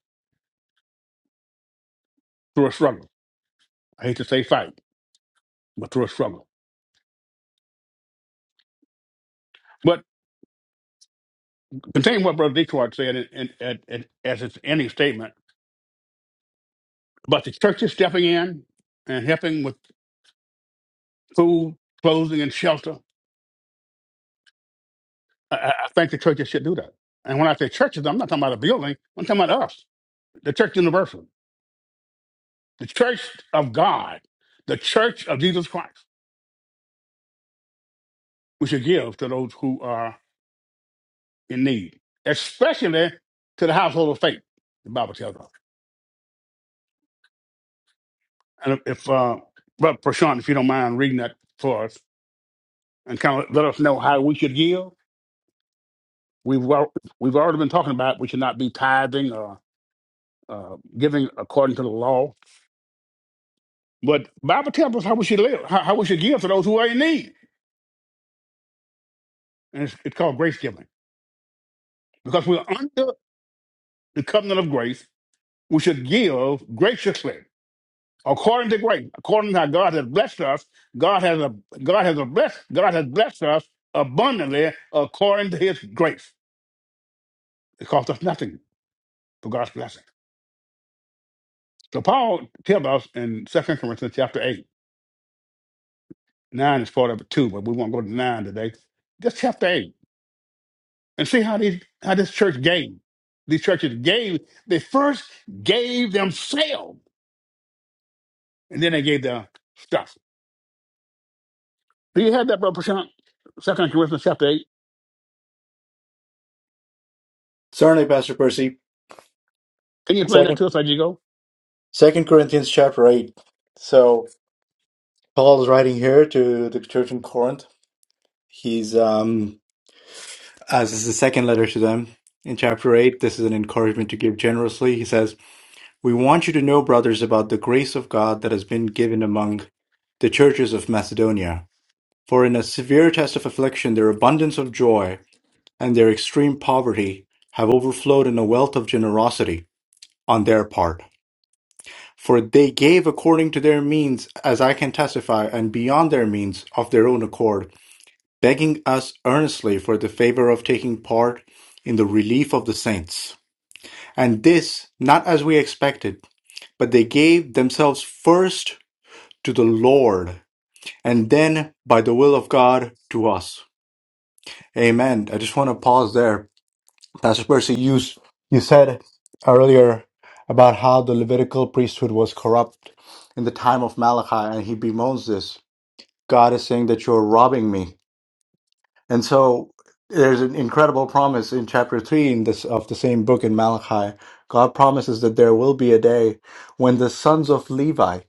Speaker 1: through a struggle. I hate to say fight, but through a struggle. But continue what Brother Detroit said in, in, at, at, as its ending statement But the church is stepping in and helping with food, clothing, and shelter. I, I I think the churches should do that. And when I say churches, I'm not talking about a building. I'm talking about us, the church universal, the church of God, the church of Jesus Christ. We should give to those who are in need, especially to the household of faith. The Bible tells us. And if, uh, Brother Prashant, if you don't mind reading that for us and kind of let us know how we should give, we've al- we've already been talking about we should not be tithing uh, giving according to the law. But Bible tells us how we should live, how, how we should give to those who are in need. And it's, it's called grace giving. Because we're under the covenant of grace, we should give graciously. According to grace, according to how God has blessed us, God has a, God has a blessed God has blessed us abundantly according to His grace. It costs us nothing for God's blessing. So Paul tells us in Second Corinthians chapter eight, nine is part of it too, but we won't go to nine today. Just chapter eight. And see how these how this church gave. These churches gave, they first gave themselves, and then they gave their stuff. Do you have that, Brother Prashant? Second Corinthians chapter eight.
Speaker 4: Certainly, Pastor Percy.
Speaker 1: Can you explain that to us as you go?
Speaker 4: Second Corinthians chapter eight. So Paul is writing here to the church in Corinth. He's um as this is the second letter to them. In chapter eight, this is an encouragement to give generously. He says, We want you to know, brothers, about the grace of God that has been given among the churches of Macedonia. For in a severe test of affliction, their abundance of joy and their extreme poverty have overflowed in a wealth of generosity on their part. For they gave according to their means, as I can testify, and beyond their means, of their own accord, begging us earnestly for the favor of taking part in the relief of the saints. And this, not as we expected, but they gave themselves first to the Lord, and then by the will of God to us. Amen. I just want to pause there Pastor Percy, you, s- you said earlier about how the Levitical priesthood was corrupt in the time of Malachi, and he bemoans this. God is saying that you're robbing me. And so there's an incredible promise in chapter 3 in this, of the same book in Malachi. God promises that there will be a day when the sons of Levi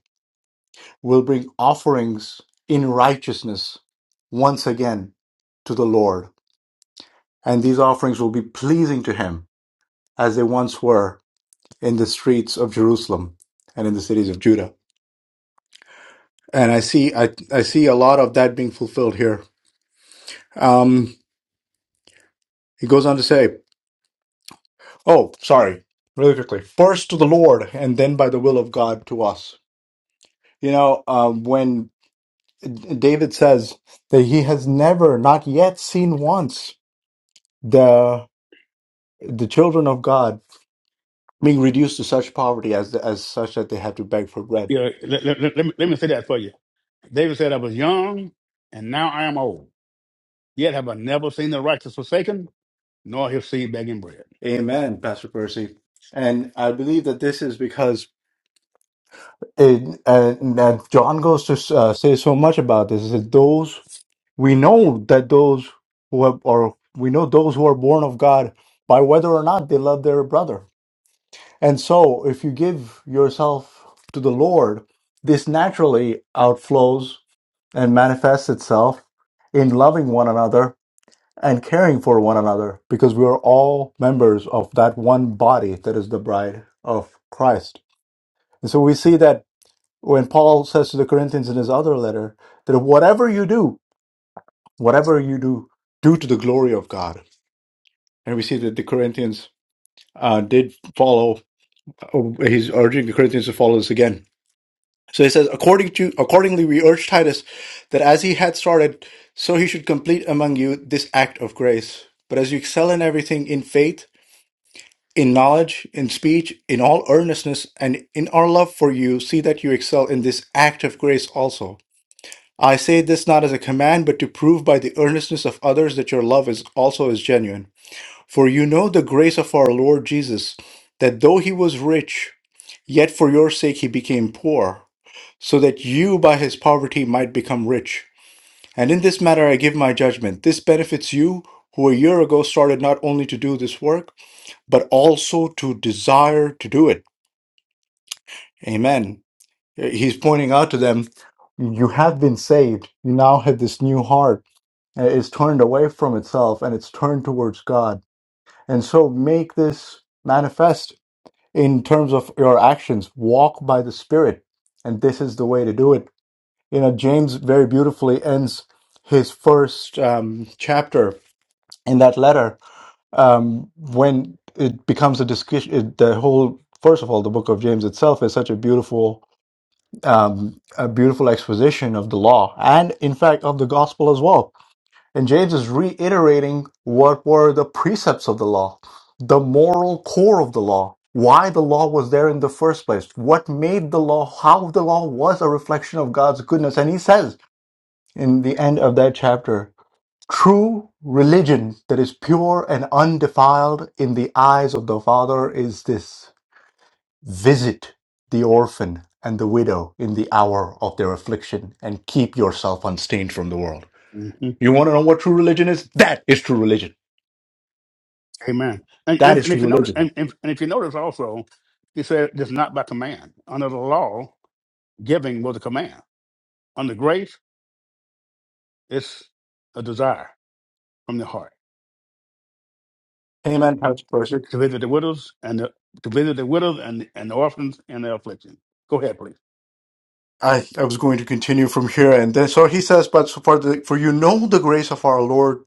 Speaker 4: will bring offerings in righteousness once again to the Lord. And these offerings will be pleasing to him as they once were in the streets of Jerusalem and in the cities of Judah. And I see I, I see a lot of that being fulfilled here. Um, he goes on to say, "Oh, sorry, really quickly. First to the Lord, and then by the will of God to us." You know, um, when David says that he has never, not yet, seen once the the children of God being reduced to such poverty as as such that they have to beg for bread.
Speaker 1: Yeah, let, let, let, let me, let me say that for you. David said, I was young and now I am old. Yet have I never seen the righteous forsaken, nor his seed begging bread.
Speaker 4: Amen, Pastor Percy. And I believe that this is because and, and and John goes to uh, say so much about this. He says, "Those we know that those who have, or we know those who are born of God by whether or not they love their brother." And so, if you give yourself to the Lord, this naturally outflows and manifests itself in loving one another and caring for one another, because we are all members of that one body that is the bride of Christ. And so we see that when Paul says to the Corinthians in his other letter that whatever you do, whatever you do, do to the glory of God. And we see that the Corinthians uh, did follow. oh, He's urging the Corinthians to follow this again. So he says, according to accordingly, we urge Titus that as he had started, so he should complete among you this act of grace. But as you excel in everything, in faith, in knowledge, in speech, in all earnestness, and in our love for you, see that you excel in this act of grace also. I say this not as a command, but to prove by the earnestness of others that your love is also is genuine. For you know the grace of our Lord Jesus, that though he was rich, yet for your sake he became poor, so that you by his poverty might become rich. And in this matter I give my judgment. This benefits you, who a year ago started not only to do this work, but also to desire to do it. Amen. He's pointing out to them, you have been saved. You now have this new heart and it is turned away from itself and it's turned towards God. And so make this manifest in terms of your actions. Walk by the Spirit. And this is the way to do it. You know, James very beautifully ends his first um, chapter in that letter um, when it becomes a discussion. It, the whole, first of all, the book of James itself is such a beautiful, um, a beautiful exposition of the law and, in fact, of the gospel as well and James is reiterating what were the precepts of the law, the moral core of the law, why the law was there in the first place, what made the law, how the law was a reflection of God's goodness. And he says in the end of that chapter, true religion that is pure and undefiled in the eyes of the Father is this visit the orphan and the widow in the hour of their affliction and keep yourself unstained from the world.
Speaker 1: hmm
Speaker 4: You want to know what true religion is? That is true religion.
Speaker 1: Amen. And,
Speaker 4: That
Speaker 1: and,
Speaker 4: is
Speaker 1: and if
Speaker 4: true
Speaker 1: you notice,
Speaker 4: religion.
Speaker 1: and, and and if you notice also, he said, "It's not by command under the law. Giving was a command. Under grace, it's a desire from the heart
Speaker 4: Amen, Pastor Percy.
Speaker 1: to visit the widows and the, to visit the widows and and the orphans and the affliction. Go ahead, please.
Speaker 4: I, I was going to continue from here, and then so he says, "But so for the, for you know the grace of our Lord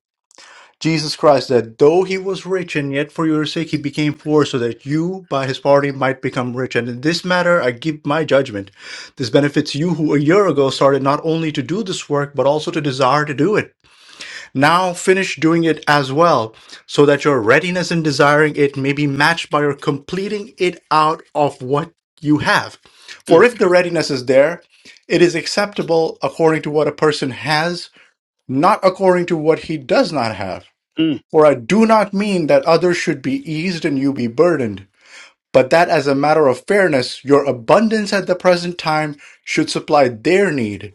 Speaker 4: Jesus Christ, that though he was rich, and yet for your sake he became poor, so that you by his poverty might become rich. And in this matter I give my judgment. This benefits you who a year ago started not only to do this work but also to desire to do it." Now finish doing it as well, so that your readiness in desiring it may be matched by your completing it out of what you have. For if the readiness is there, it is acceptable according to what a person has, not according to what he does not have.
Speaker 1: Mm.
Speaker 4: For I do not mean that others should be eased and you be burdened, but that as a matter of fairness, your abundance at the present time should supply their need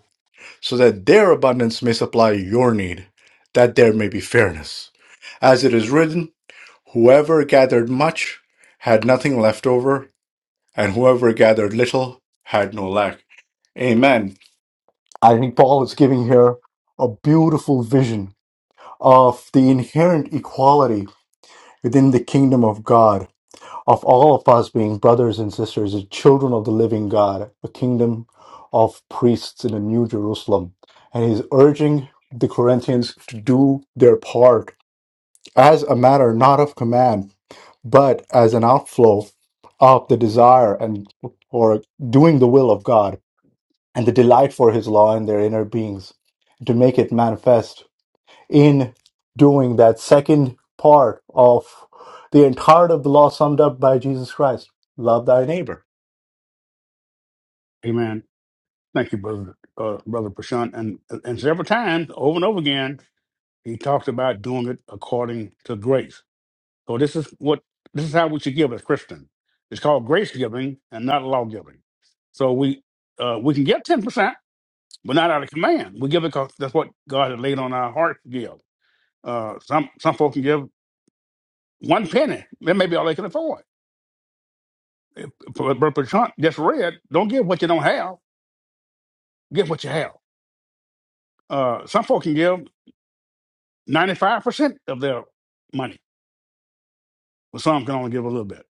Speaker 4: so that their abundance may supply your need, that there may be fairness. As it is written, whoever gathered much had nothing left over, and whoever gathered little had no lack. Amen. I think Paul is giving here a beautiful vision of the inherent equality within the kingdom of God of all of us being brothers and sisters, the children of the living God, a kingdom of priests in the New Jerusalem. And he's urging the Corinthians to do their part as a matter not of command, but as an outflow of the desire and or doing the will of God and the delight for his law in their inner beings to make it manifest in doing that second part of the entirety of the law summed up by Jesus Christ love thy neighbor.
Speaker 1: Amen. Thank you, brother, uh, brother Prashant. And and several times, over and over again, he talks about doing it according to grace. So this is what this is how we should give as Christians. It's called grace giving and not law giving. So we uh, we can get ten percent, but not out of command. We give it because that's what God has laid on our heart to give. Uh, some some folks can give one penny. That may be all they can afford. But Brother Trump just read, don't give what you don't have. Give what you have. Uh, some folks can give ninety five percent of their money, but some can only give a little bit.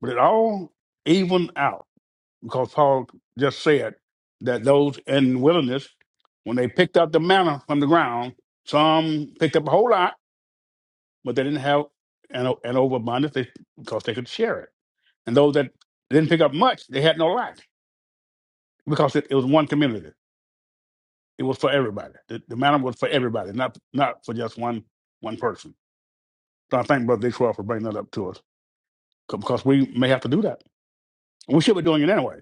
Speaker 1: But it all even out because Paul just said that those in wilderness, when they picked up the manna from the ground, some picked up a whole lot, but they didn't have an, an overabundance they, because they could share it. And those that didn't pick up much, they had no lack. because it, it was one community. It was for everybody. The, the manor was for everybody, not not for just one one person. So I thank Brother Detroit for bringing that up to us 'cause- because we may have to do that. We should be doing it anyway.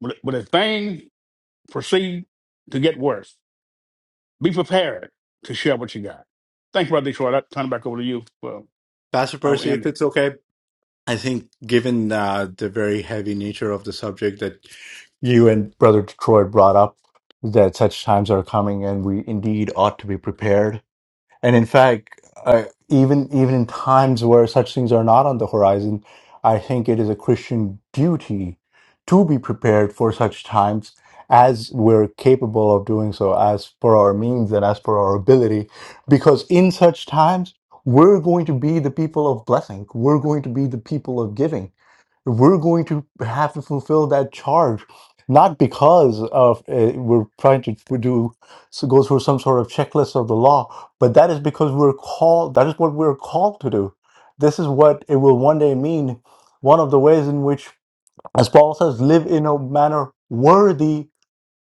Speaker 1: But, but if things proceed to get worse, be prepared to share what you got. Thank you, Brother Detroit. I'll turn it back over to you. Well,
Speaker 4: Pastor
Speaker 1: I will
Speaker 4: Percy, if
Speaker 1: end.
Speaker 4: it's okay, I think given uh, the very heavy nature of the subject that you and Brother Detroit brought up, that such times are coming and we indeed ought to be prepared And in fact, I, even even in times where such things are not on the horizon, I think it is a Christian duty to be prepared for such times as we're capable of doing so, as per our means and as per our ability, because in such times we're going to be the people of blessing. We're going to be the people of giving we're going to have to fulfill that charge, not because of uh, we're trying to do so go through some sort of checklist of the law, but that is because we're called. That is what we're called to do. This is what it will one day mean. One of the ways in which, as Paul says, live in a manner worthy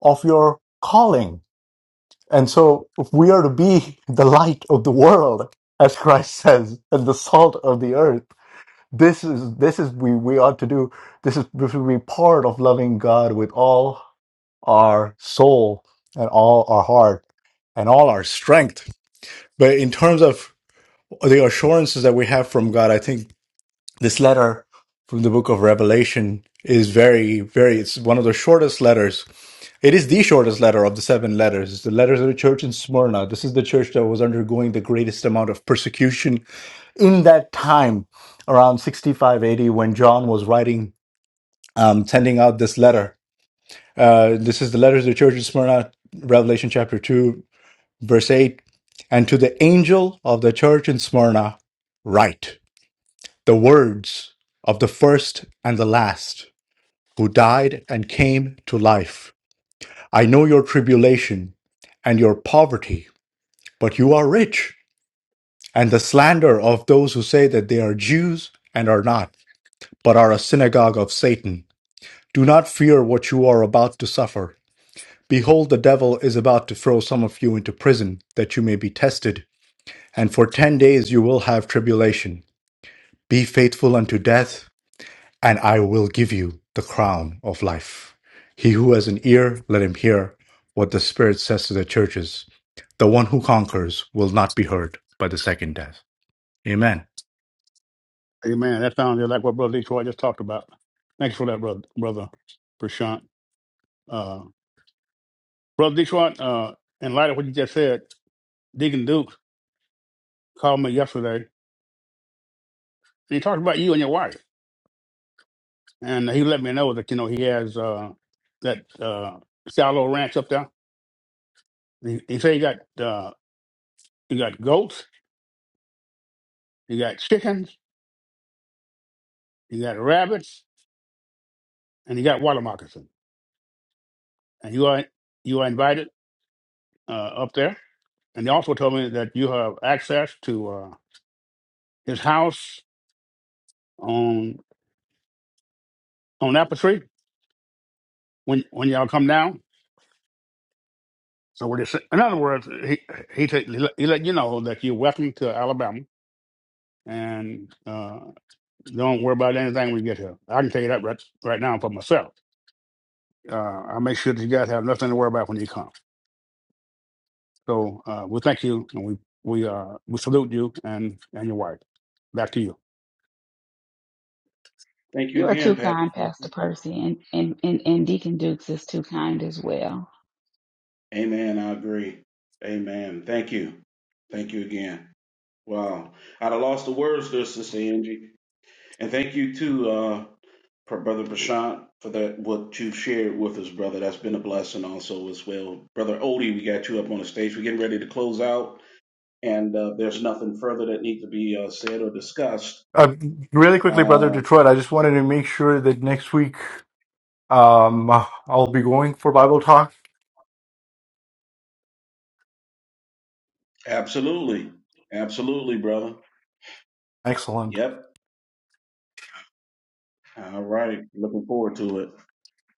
Speaker 4: of your calling. And so if we are to be the light of the world, as Christ says, and the salt of the earth this is this is we we ought to do. This is this will be part of loving God with all our soul and all our heart and all our strength. But in terms of the assurances that we have from God, I think this letter from the book of Revelation is very, very, it's one of the shortest letters. It is the shortest letter of the seven letters. It's the letters of the church in Smyrna. This is the church that was undergoing the greatest amount of persecution in that time around 65 AD when John was writing um, sending out this letter. Uh, this is the letter to the church in Smyrna, Revelation chapter 2, verse 8. And to the angel of the church in Smyrna, write the words of the first and the last who died and came to life. I know your tribulation and your poverty, but you are rich, and the slander of those who say that they are Jews and are not, but are a synagogue of Satan. Do not fear what you are about to suffer. Behold, the devil is about to throw some of you into prison, that you may be tested. And for ten days you will have tribulation. Be faithful unto death, and I will give you the crown of life. He who has an ear, let him hear what the Spirit says to the churches. The one who conquers will not be hurt by the second death. Amen.
Speaker 1: Amen. That sounds just like what Brother Detroit just talked about. Thanks for that, brother, brother Prashant. Uh, brother Detroit, uh, in light of what you just said, Deacon Duke called me yesterday So he talked about you and your wife, and he let me know that you know he has uh, that uh, shallow ranch up there. He, he said he got uh, he got goats, he got chickens, he got rabbits, and he got water moccasin. And you are you are invited uh, up there. And he also told me that you have access to uh, his house on on Apple Street when when y'all come down. So what he said, in other words, he he, t- he, let, he let you know that you're welcome to Alabama and. uh, Don't worry about anything when you get here. I can tell you that right, right now for myself. Uh, I'll make sure that you guys have nothing to worry about when you come. So uh, we thank you and we we uh, we salute you and and your wife. Back to you.
Speaker 2: Thank you
Speaker 3: you are
Speaker 2: again,
Speaker 3: too
Speaker 2: Pastor.
Speaker 3: kind,
Speaker 2: Percy.
Speaker 3: Pastor Percy, and, and, and, and Deacon Dukes is too kind as well.
Speaker 2: Amen. I agree. Amen. Thank you. Thank you again. Wow. I'd have lost the words there, Sister Angie. And thank you too. uh, for Brother Prashant for that what you've shared with us, brother. That's been a blessing also as well. Brother Odie, we got you up on the stage. We're getting ready to close out, and uh, there's nothing further that needs to be uh, said or discussed.
Speaker 4: Uh, really quickly, Brother
Speaker 2: Uh,
Speaker 4: Detroit, I just wanted to make sure that next week um, I'll be going for Bible Talk.
Speaker 2: absolutely, absolutely, brother.
Speaker 4: Excellent.
Speaker 2: Yep. All right. Looking forward to it.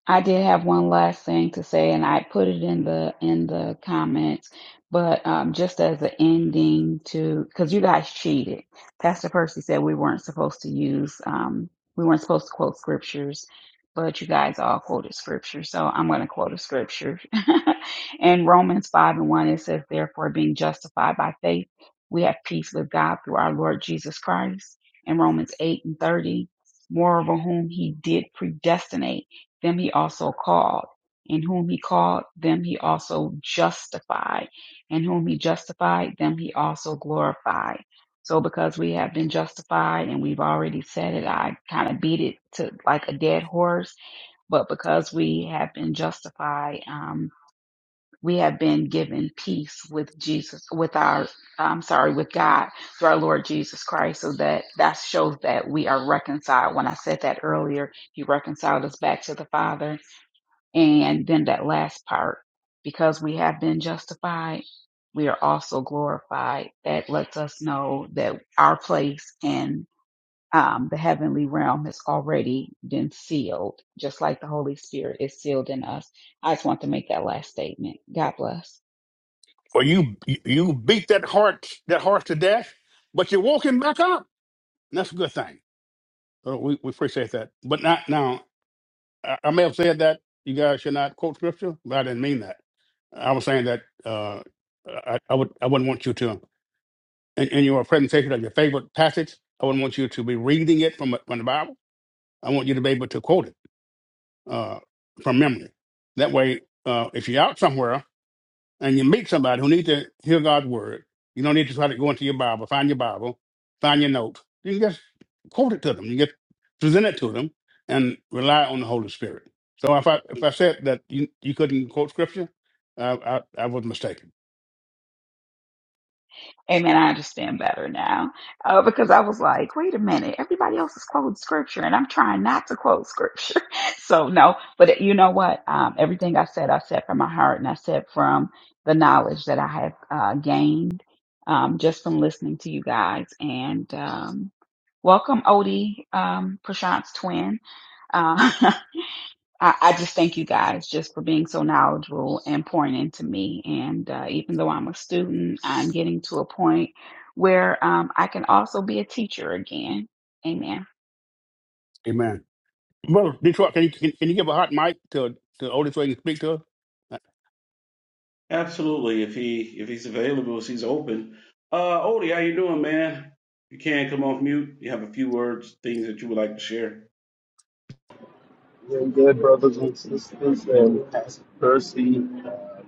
Speaker 3: I did have one last thing to say, and I put it in the in the comments, but um, just as an ending to because you guys cheated. Pastor Percy said we weren't supposed to use um, we weren't supposed to quote scriptures, but you guys all quoted scripture, so I'm going to quote a scripture. in Romans five and one, it says, "Therefore, being justified by faith, we have peace with God through our Lord Jesus Christ." In Romans eight and thirty, moreover, whom He did predestinate them he also called. And whom he called, them he also justified. And whom he justified, them he also glorified. So because we have been justified and we've already said it, I kind of beat it to like a dead horse. But because we have been justified, um, we have been given peace with Jesus, with our, I'm sorry, with God through our Lord Jesus Christ. So that, that shows that we are reconciled. When I said that earlier, he reconciled us back to the Father and then that last part, because we have been justified, we are also glorified. That lets us know that our place in um, the heavenly realm has already been sealed, just like the Holy Spirit is sealed in us. I just want to make that last statement. God bless.
Speaker 1: Well, you you beat that heart that horse to death, but you're walking back up. And that's a good thing. So we, we appreciate that. But not now. I, I may have said that you guys should not quote scripture, but I didn't mean that. I was saying that uh, I, I would I wouldn't want you to. in, in your presentation of your favorite passage. I wouldn't want you to be reading it from, from the Bible. I want you to be able to quote it uh, from memory. That way, uh, if you're out somewhere and you meet somebody who needs to hear God's word, you don't need to try to go into your Bible, find your Bible, find your notes. You can just quote it to them. You just present it to them and rely on the Holy Spirit. So if I if I said that you, you couldn't quote scripture, I, I, I was mistaken.
Speaker 3: Amen. I understand better now uh, because I was like, wait a minute, everybody else is quoting scripture, and I'm trying not to quote scripture. so no, but you know what? Um, everything I said, I said from my heart, and I said from the knowledge that I have uh, gained um, just from listening to you guys. And um, welcome, Odie, um, Prashant's twin. Uh, I, I just thank you guys just for being so knowledgeable and pouring into me. And uh, even though I'm a student, I'm getting to a point where um, I can also be a teacher again. Amen.
Speaker 1: Amen. Brother Detroit, can you can, can you give a hot mic to to Odie so he can speak to us? I
Speaker 2: Absolutely. If he if he's available, if he's open. Uh, Odie, how you doing, man? You can come off mute. You have a few words, things that you would like to share.
Speaker 5: Doing good, brothers and sisters, and Pastor Percy uh,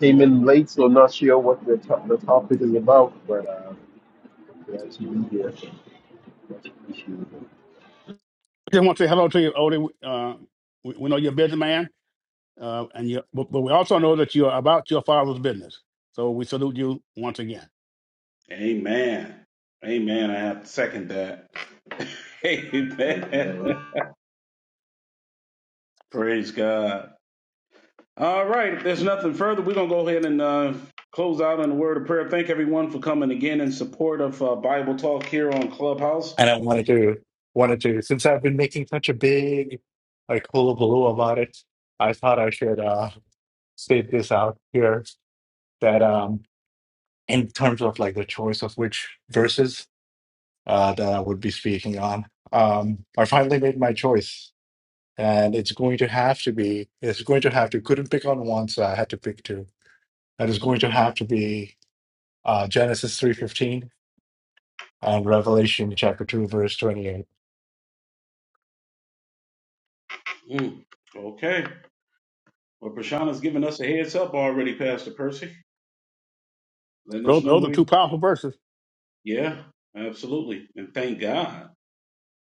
Speaker 5: came in late, so I'm not sure what the, to- the topic is about, but uh, glad to be here. Glad to be
Speaker 1: just want to say hello to you, Odie. Uh, we, we know you're a busy man, uh, and you but, but we also know that you're about your father's business. So we salute you once again.
Speaker 2: Amen. Amen. I have to second that.
Speaker 5: here.
Speaker 2: Amen. Praise God. All right. If there's nothing further, we're going to go ahead and uh, close out in a word of prayer. Thank everyone for coming again in support of uh, Bible Talk here on Clubhouse.
Speaker 4: and I wanted to wanted to since I've been making such a big like hullabaloo about it, I thought I should uh state this out here that um in terms of like the choice of which verses uh that I would be speaking on. Um I finally made my choice and it's going to have to be it's going to have to couldn't pick on one so I had to pick two. And it's going to have to be uh Genesis 3:15 and Revelation chapter 2, verse 28.
Speaker 2: Mm. Okay. Well, Prashana's giving us a heads up already, Pastor Percy, letting us
Speaker 1: Those,
Speaker 2: know
Speaker 1: those are
Speaker 2: we,
Speaker 1: two powerful verses.
Speaker 2: yeah, absolutely. And thank God.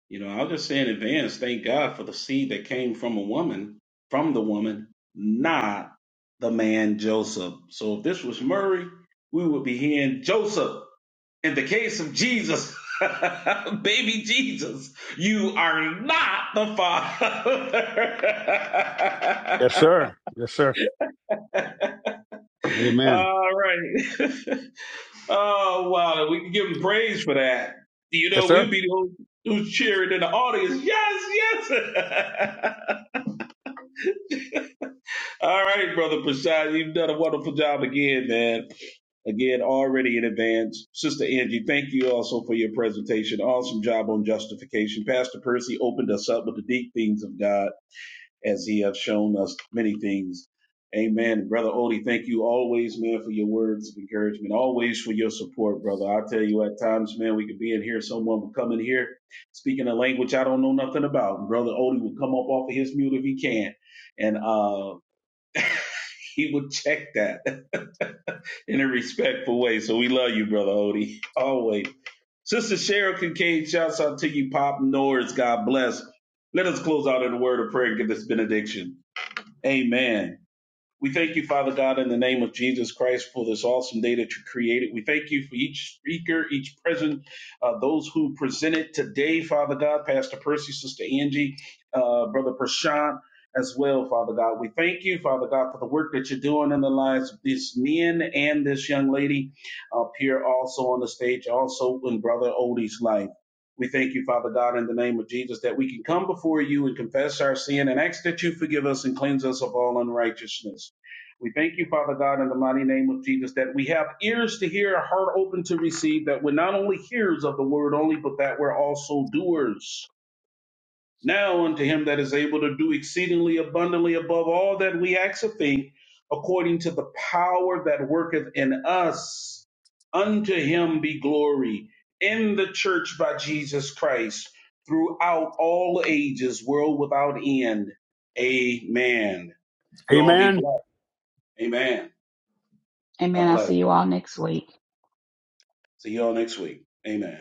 Speaker 2: You know, I'll just say in advance, thank God for the seed that came from a woman, from the woman, not the man Joseph. So if this was Murray, we would be hearing Joseph. In the case of Jesus, baby Jesus, you are not the father.
Speaker 1: Yes, sir. Yes, sir. Amen.
Speaker 2: All right. oh wow, we can give him praise for that. You
Speaker 1: Yes,
Speaker 2: know, we'll
Speaker 1: sir.
Speaker 2: be the ones who's cheering in the audience. Yes, yes. All right, brother Prashad, you've done a wonderful job again, man. Again, already in advance. Sister Angie, thank you also for your presentation. Awesome job on justification. Pastor Percy opened us up with the deep things of God as he has shown us many things. Amen. Brother Odie, thank you always, man, for your words of encouragement, always for your support, brother. I tell you, at times, man, we could be in here, someone would come in here speaking a language I don't know nothing about. And brother Odie would come up off of his mute if he can. And uh he would check that in a respectful way. So we love you, brother Odie. Always. Sister Cheryl Kincaid, shouts out to you, Pop Norris. God bless. Let us close out in a word of prayer and give this benediction. Amen. We thank you, Father God, in the name of Jesus Christ for this awesome day that you created. We thank you for each speaker, each present, uh, those who presented today, Father God, Pastor Percy, Sister Angie, uh, Brother Prashant, as well, Father God. We thank you, Father God, for the work that you're doing in the lives of these men and this young lady up here also on the stage, also in Brother Odie's life. We thank you, Father God, in the name of Jesus, that we can come before you and confess our sin and ask that you forgive us and cleanse us of all unrighteousness. We thank you, Father God, in the mighty name of Jesus, that we have ears to hear, a heart open to receive, that we're not only hearers of the word only, but that we're also doers. Now unto him that is able to do exceedingly abundantly above all that we ask or think, according to the power that worketh in us, unto him be glory in the church by Jesus Christ throughout all ages, world without end. Amen. You all be
Speaker 1: Amen.
Speaker 2: blessed. Amen.
Speaker 3: Amen.
Speaker 2: God
Speaker 3: I'll
Speaker 2: bless.
Speaker 3: see you all next week.
Speaker 2: See y'all next week. Amen.